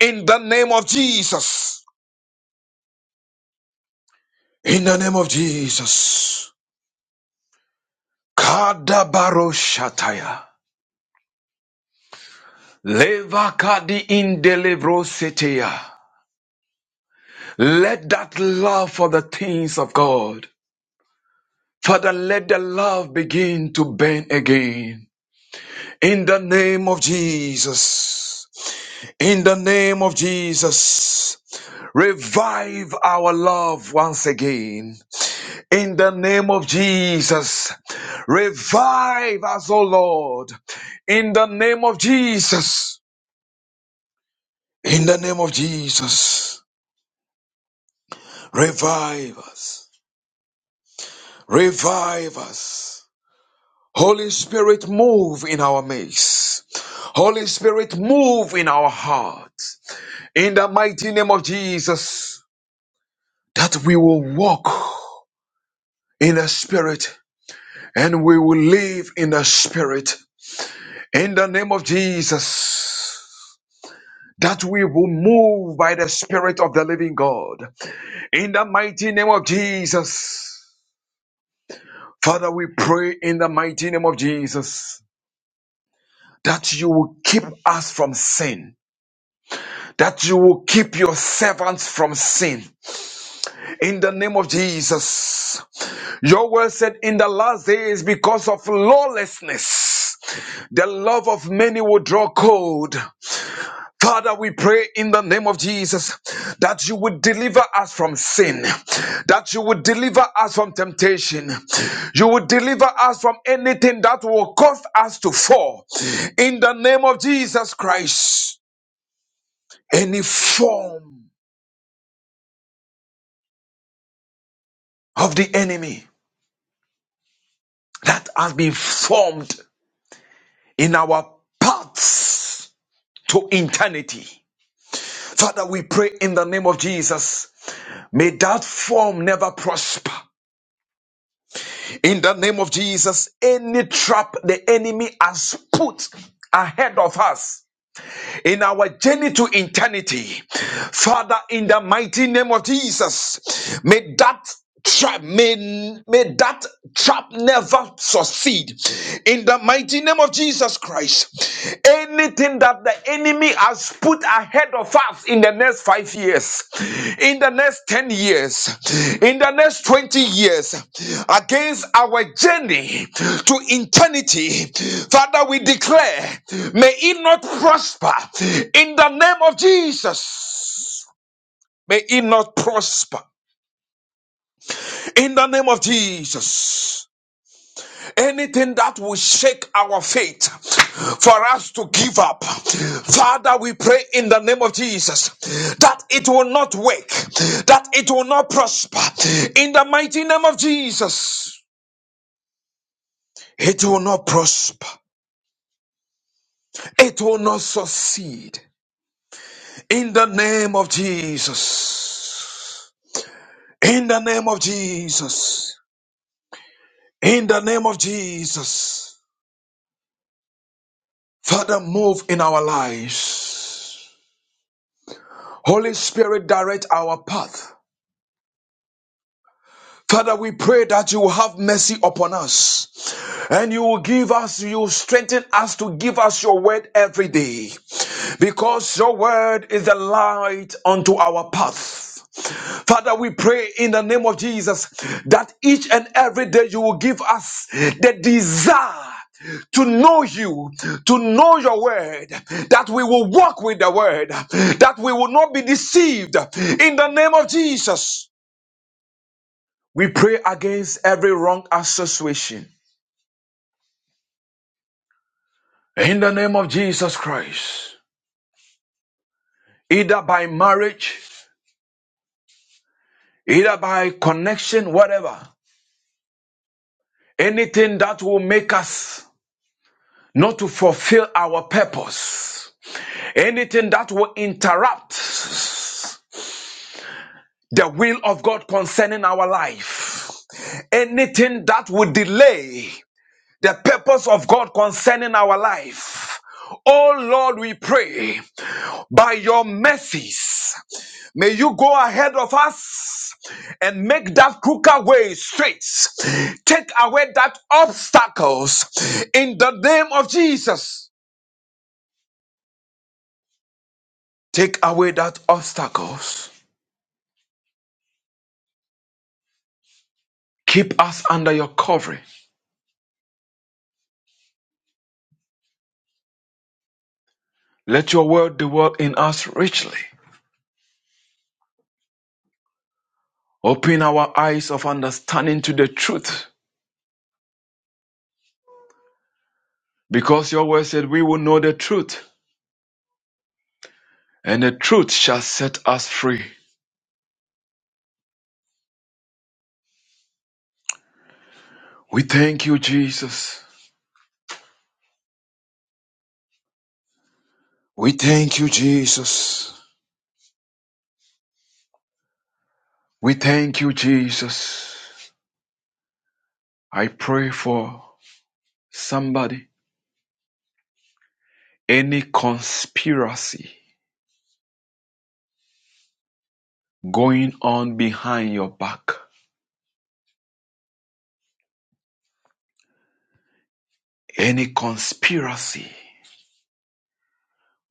In the name of Jesus. In the name of Jesus. Kadabaroshataya. Levakadi in delivrosetea. Let that love for the things of God. Father, let the love begin to burn again. In the name of Jesus. In the name of Jesus. Revive our love once again. In the name of Jesus. Revive us, O Lord. In the name of Jesus. In the name of Jesus. Revive us. Revive us. Holy Spirit, move in our midst. Holy Spirit, move in our hearts. In the mighty name of Jesus, that we will walk in the Spirit and we will live in the Spirit. In the name of Jesus, that we will move by the Spirit of the living God. In the mighty name of Jesus, Father, we pray in the mighty name of Jesus that you will keep us from sin that you will keep your servants from sin. In the name of Jesus. Your word said in the last days, because of lawlessness, the love of many will draw cold. Father, we pray in the name of Jesus that you would deliver us from sin, that you would deliver us from temptation, you would deliver us from anything that will cause us to fall. In the name of Jesus Christ, any form of the enemy that has been formed in our paths to eternity. Father, we pray in the name of Jesus, may that form never prosper. In the name of Jesus, any trap the enemy has put ahead of us, in our journey to eternity. Father, in the mighty name of Jesus, may that trap may, may that trap never succeed in the mighty name of jesus christ anything that the enemy has put ahead of us in the next five years, in the next 10 years, in the next 20 years, against our journey to eternity. Father, we declare, may it not prosper in the name of Jesus. May it not prosper in the name of Jesus. anything that will shake our faith for us to give up. Father, we pray in the name of Jesus that it will not work, that it will not prosper. In the mighty name of Jesus, it will not prosper, it will not succeed. In the name of Jesus, in the name of Jesus, in the name of Jesus, Father, move in our lives. Holy Spirit, direct our path. Father, we pray that you will have mercy upon us and you will give us, you will strengthen us to give us your word every day because your word is the light unto our path. Father, we pray in the name of Jesus that each and every day you will give us the desire to know you, to know your word, that we will walk with the word, that we will not be deceived in the name of Jesus. We pray against every wrong association in the name of Jesus Christ, either by marriage, either by connection, whatever, anything that will make us not to fulfill our purpose, anything that will interrupt the will of God concerning our life, anything that will delay the purpose of God concerning our life. Oh Lord, we pray by your mercies. May you go ahead of us and make that crooked way straight. Take away that obstacles in the name of Jesus. Take away that obstacles. Keep us under your covering. Let your word dwell in us richly. Open our eyes of understanding to the truth, because your word said we will know the truth, and the truth shall set us free. We thank you, Jesus. We thank you, Jesus. We thank you, Jesus. I pray for somebody, any conspiracy going on behind your back, any conspiracy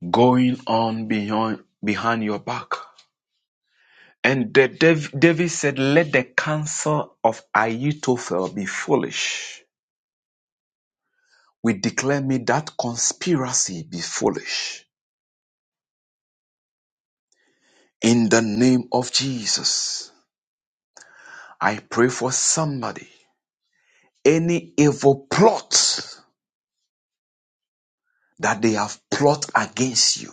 going on behind, behind your back. And the, Dav- David said, Let the counsel of Ahithophel be foolish. We declare me that conspiracy be foolish. In the name of Jesus, I pray for somebody, any evil plot that they have plot against you.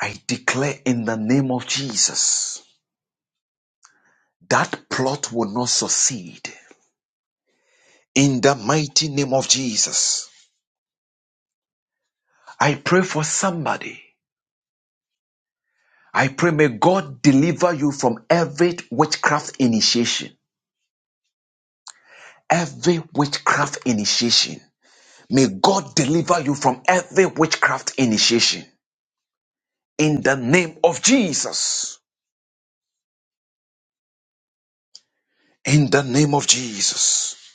I declare in the name of Jesus, that plot will not succeed. In the mighty name of Jesus, I pray for somebody. I pray may God deliver you from every witchcraft initiation. Every witchcraft initiation. May God deliver you from every witchcraft initiation. In the name of Jesus. In the name of Jesus.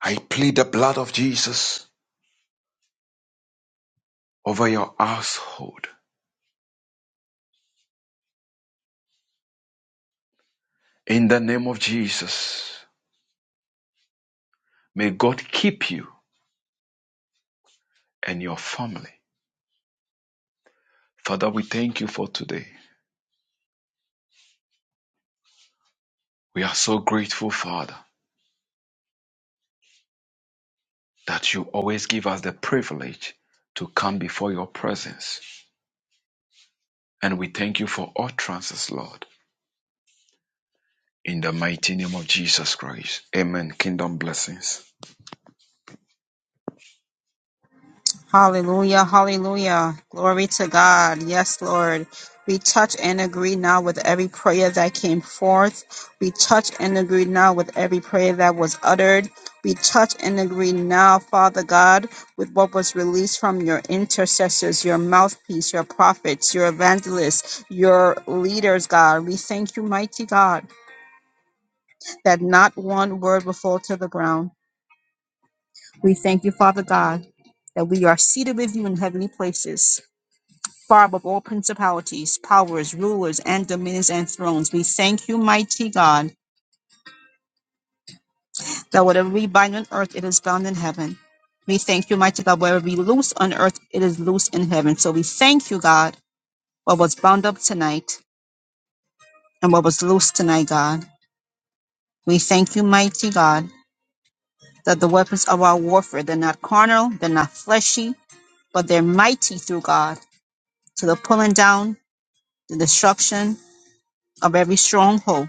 I plead the blood of Jesus over your household. In the name of Jesus, may God keep you and your family. Father, we thank you for today. We are so grateful, Father, that you always give us the privilege to come before your presence. And we thank you for utterances, Lord. In the mighty name of Jesus Christ. Amen. Kingdom blessings.
Hallelujah, hallelujah. Glory to God. Yes, Lord. We touch and agree now with every prayer that came forth. We touch and agree now with every prayer that was uttered. We touch and agree now, Father God, with what was released from your intercessors, your mouthpiece, your prophets, your evangelists, your leaders, God. We thank you, mighty God, that not one word will fall to the ground. We thank you, Father God, that we are seated with you in heavenly places. Barb of all principalities, powers, rulers, and dominions and thrones, we thank you, mighty God, that whatever we bind on earth, it is bound in heaven. We thank you, mighty God, whatever we loose on earth, it is loose in heaven. So we thank you, God, what was bound up tonight and what was loose tonight, God. We thank you, mighty God, that the weapons of our warfare, they're not carnal, they're not fleshy, but they're mighty through God to the pulling down, the destruction, of every stronghold.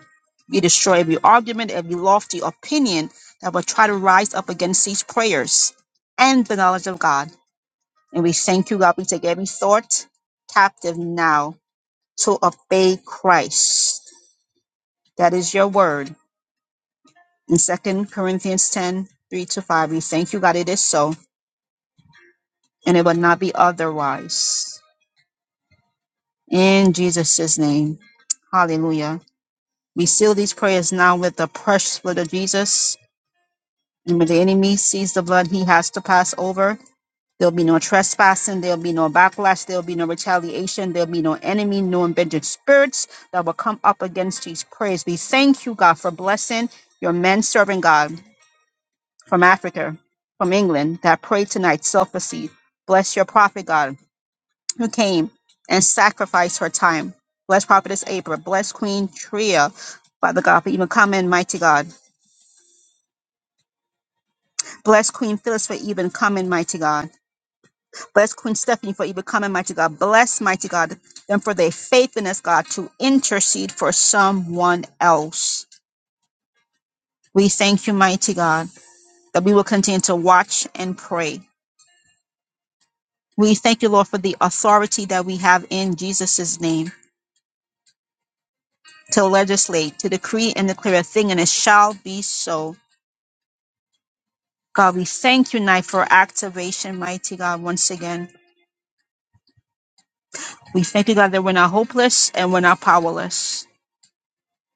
We destroy every argument, every lofty opinion that will try to rise up against these prayers and the knowledge of God. And we thank you, God. We take every thought captive now to obey Christ. That is your word. In Second Corinthians 10 3 to 5, we thank you, God. It is so, and it will not be otherwise. In Jesus' name, hallelujah. We seal these prayers now with the precious blood of Jesus And when the enemy sees the blood, he has to pass over. There'll be no trespassing. There'll be no backlash. There'll be no retaliation. There'll be no enemy, no embedded spirits that will come up against these prayers. We thank you, God, for blessing your men serving God from Africa, from England, that prayed tonight, self-receive. Bless your prophet, God, who came and sacrificed her time. Bless prophetess April. Bless Queen Tria, Father God, for even coming, mighty God. Bless Queen Phyllis for even coming, mighty God. Bless Queen Stephanie for even coming, mighty God. Bless, mighty God, them for their faithfulness, God, to intercede for someone else. We thank you, mighty God, that we will continue to watch and pray. We thank you, Lord, for the authority that we have in Jesus' name to legislate, to decree and declare a thing, and it shall be so. God, we thank you, tonight for activation, mighty God, once again. We thank you, God, that we're not hopeless and we're not powerless.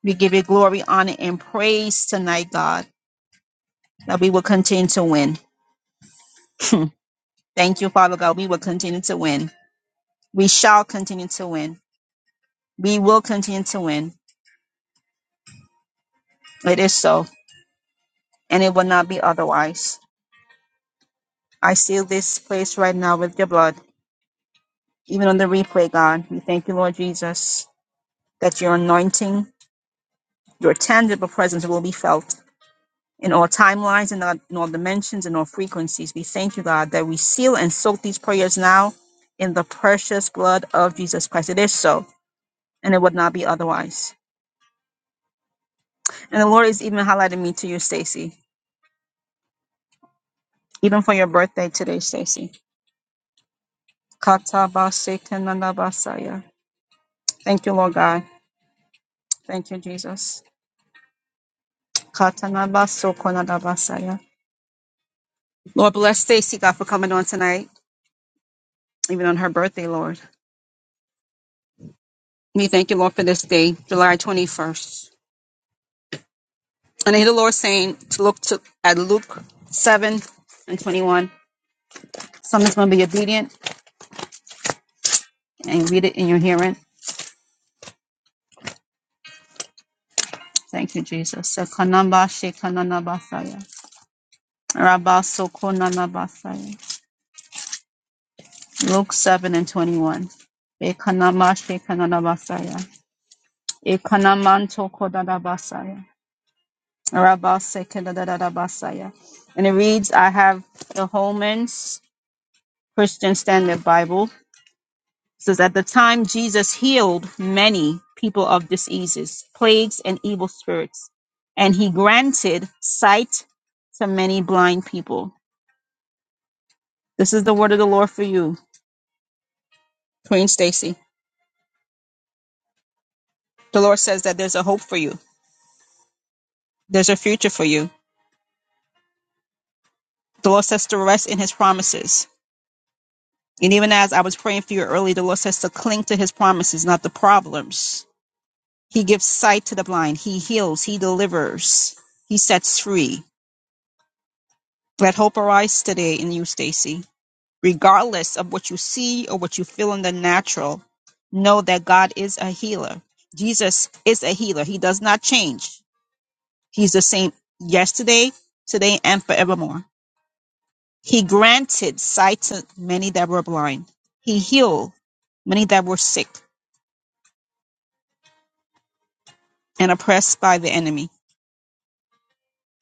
We give you glory, honor, and praise tonight, God. that we will continue to win. Thank you, Father God. We will continue to win. We shall continue to win. We will continue to win. It is so, and it will not be otherwise. I seal this place right now with your blood, even on the replay, God. We thank you, Lord Jesus, that your anointing, your tangible presence will be felt in all timelines and all in all dimensions and all frequencies. We thank you, God, that we seal and soak these prayers now in the precious blood of Jesus Christ. It is so, and it would not be otherwise. And the Lord is even highlighting me to you, Stacy. Even for your birthday today, Stacy. Katabasekenanabasaya. Thank you, Lord God. Thank you, Jesus. Katanabasokonadabasaya. Lord bless Stacy, God, for coming on tonight, even on her birthday, Lord. We thank you, Lord, for this day, July 21st. And I hear the Lord saying to look to at Luke 7 and 21. Someone's going to be obedient and read it in your hearing. Thank you, Jesus. Sekanabashekananabasaya. Rabasokonalabasaya. Luke 7 and 21. Ekanamashe kananabasaya. Ekanamanto Ekanamashekanalabasaya. Ekanamantokodalabasaya. Rabasekedadadabasaya. And it reads, I have the Holman's Christian Standard Bible. It says, At the time Jesus healed many people of diseases, plagues, and evil spirits, and he granted sight to many blind people. This is the word of the Lord for you, Queen Stacy. The Lord says that there's a hope for you. There's a future for you. The Lord says to rest in his promises. And even as I was praying for you earlier, the Lord says to cling to his promises, not the problems. He gives sight to the blind. He heals. He delivers. He sets free. Let hope arise today in you, Stacy. Regardless of what you see or what you feel in the natural, know that God is a healer. Jesus is a healer. He does not change. He's the same yesterday, today, and forevermore. He granted sight to many that were blind. He healed many that were sick and oppressed by the enemy.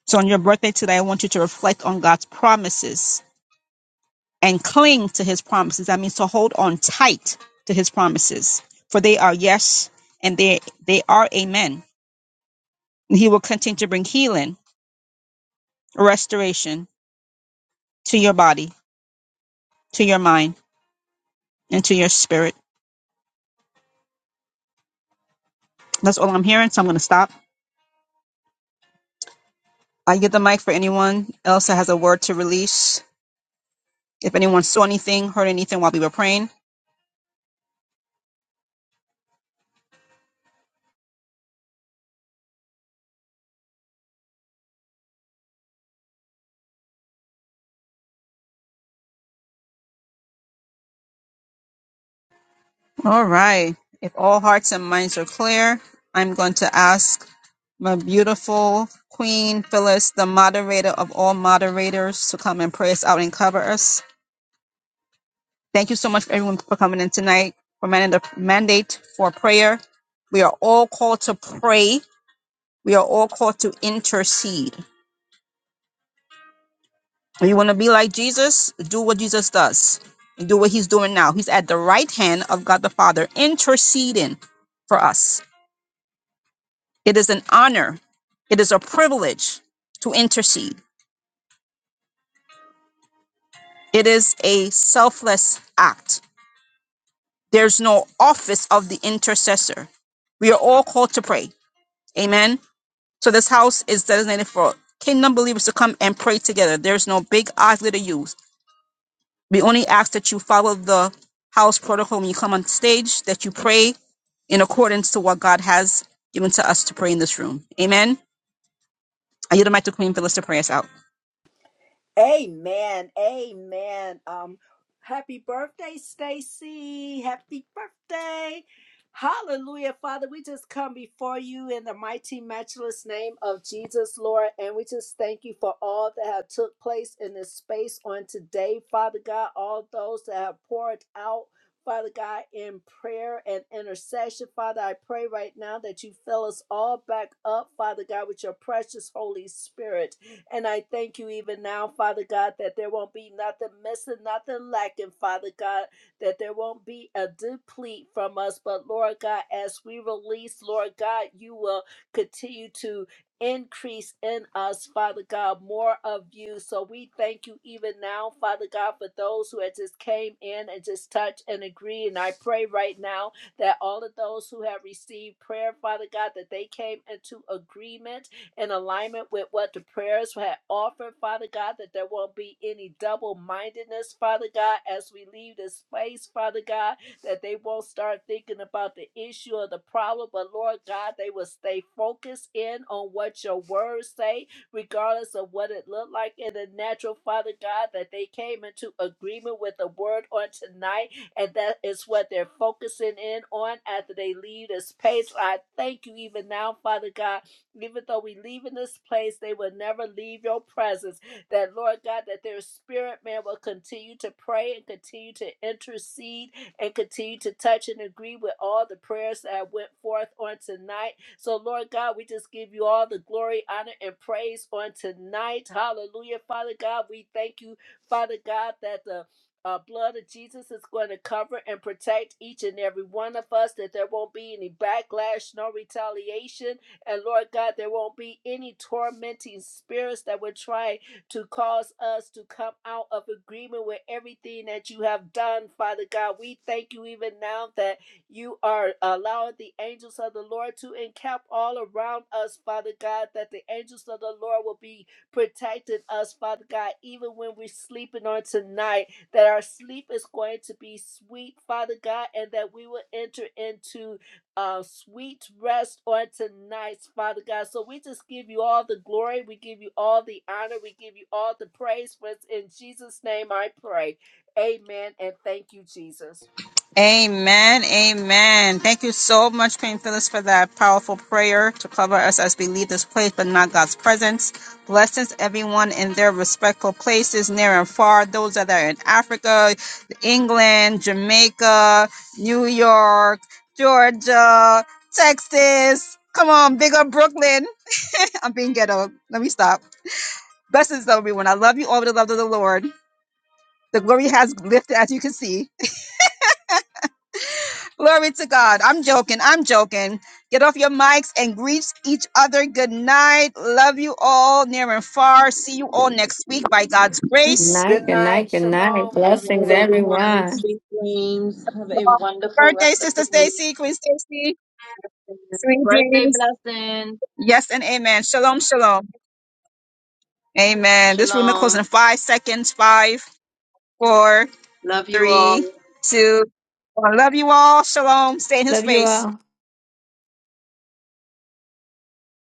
So on your birthday today, I want you to reflect on God's promises and cling to his promises. That means to hold on tight to his promises, for they are yes and they, they are amen. And he will continue to bring healing, restoration to your body, to your mind, and to your spirit. That's all I'm hearing, so I'm going to stop. I get the mic for anyone else that has a word to release. If anyone saw anything, heard anything while we were praying. All right. If all hearts and minds are clear, I'm going to ask my beautiful Queen Phyllis, the moderator of all moderators, to come and pray us out and cover us. Thank you so much everyone for coming in tonight for man- the mandate for prayer. We are all called to pray. We are all called to intercede. If you want to be like Jesus, do what Jesus does. Do what he's doing now. He's at the right hand of God the Father, interceding for us. It is an honor, it is a privilege to intercede. It is a selfless act. There's no office of the intercessor. We are all called to pray. Amen. So this house is designated for kingdom believers to come and pray together. There's no big odds to use. We only ask that you follow the house protocol when you come on stage, that you pray in accordance to what God has given to us to pray in this room. Amen. I yield the mic to Queen Phyllis to pray us out.
Amen. Amen. Um, happy birthday, Stacy. Happy birthday. Hallelujah, Father. We just come before you in the mighty, matchless name of Jesus, Lord, and we just thank you for all that have took place in this space on today, Father God. All those that have poured out. Father God, in prayer and intercession, Father, I pray right now that you fill us all back up, Father God, with your precious Holy Spirit. And I thank you even now, Father God, that there won't be nothing missing, nothing lacking, Father God, that there won't be a deplete from us. But Lord God, as we release, Lord God, you will continue to increase in us, Father God, more of you. So we thank you even now, Father God, for those who had just came in and just touch and agree. And I pray right now that all of those who have received prayer, Father God, that they came into agreement in alignment with what the prayers had offered, Father God, that there won't be any double mindedness, Father God, as we leave this place, Father God, that they won't start thinking about the issue or the problem, but Lord God, they will stay focused in on what your words say, regardless of what it looked like in the natural, Father God, that they came into agreement with the word on tonight and that is what they're focusing in on after they leave this space. I thank you even now, Father God, even though we leave in this place, they will never leave your presence. That, Lord God, that their spirit, man, will continue to pray and continue to intercede and continue to touch and agree with all the prayers that went forth on tonight. So, Lord God, we just give you all the glory, honor, and praise on tonight. Hallelujah. Father God, we thank you, Father God, that the uh, blood of Jesus is going to cover and protect each and every one of us, that there won't be any backlash, no retaliation, and Lord God, there won't be any tormenting spirits that would try to cause us to come out of agreement with everything that you have done, Father God. We thank you even now that you are allowing the angels of the Lord to encamp all around us, Father God, that the angels of the Lord will be protecting us, Father God, even when we're sleeping on tonight, that our sleep is going to be sweet, Father God, and that we will enter into uh, sweet rest on tonight, Father God. So we just give you all the glory. We give you all the honor. We give you all the praise. For it's in Jesus' name I pray. Amen. And thank you, Jesus.
Amen. Amen. Thank you so much, Queen Phyllis, for that powerful prayer to cover us as we leave this place, but not God's presence. Blessings, everyone in their respectful places, near and far. Those that are in Africa, England, Jamaica, New York, Georgia, Texas. Come on, big up Brooklyn. I'm being ghetto. Let me stop. Blessings, everyone. I love you all with the love of the Lord. The glory has lifted, as you can see. Glory to God. I'm joking. I'm joking. Get off your mics and greet each other. Good night. Love you all near and far. See you all next week by God's
Good
grace.
Good
night, good night,
night.
good night.
Shalom,
Good night,
Blessings,
everyone.
everyone.
everyone.
Sweet dreams. Have a wonderful
Birthday,
rest of the
Sister
week.
Stacy, Queen Stacy. Sweet
Birthday
dreams.
blessings.
Yes and amen. Shalom, shalom. Amen. This room is closing
Shalom.
in five seconds. Five, four,
Love you
three,
all.
two, one. Love you all. Shalom. Stay in his
Love you
face.
all.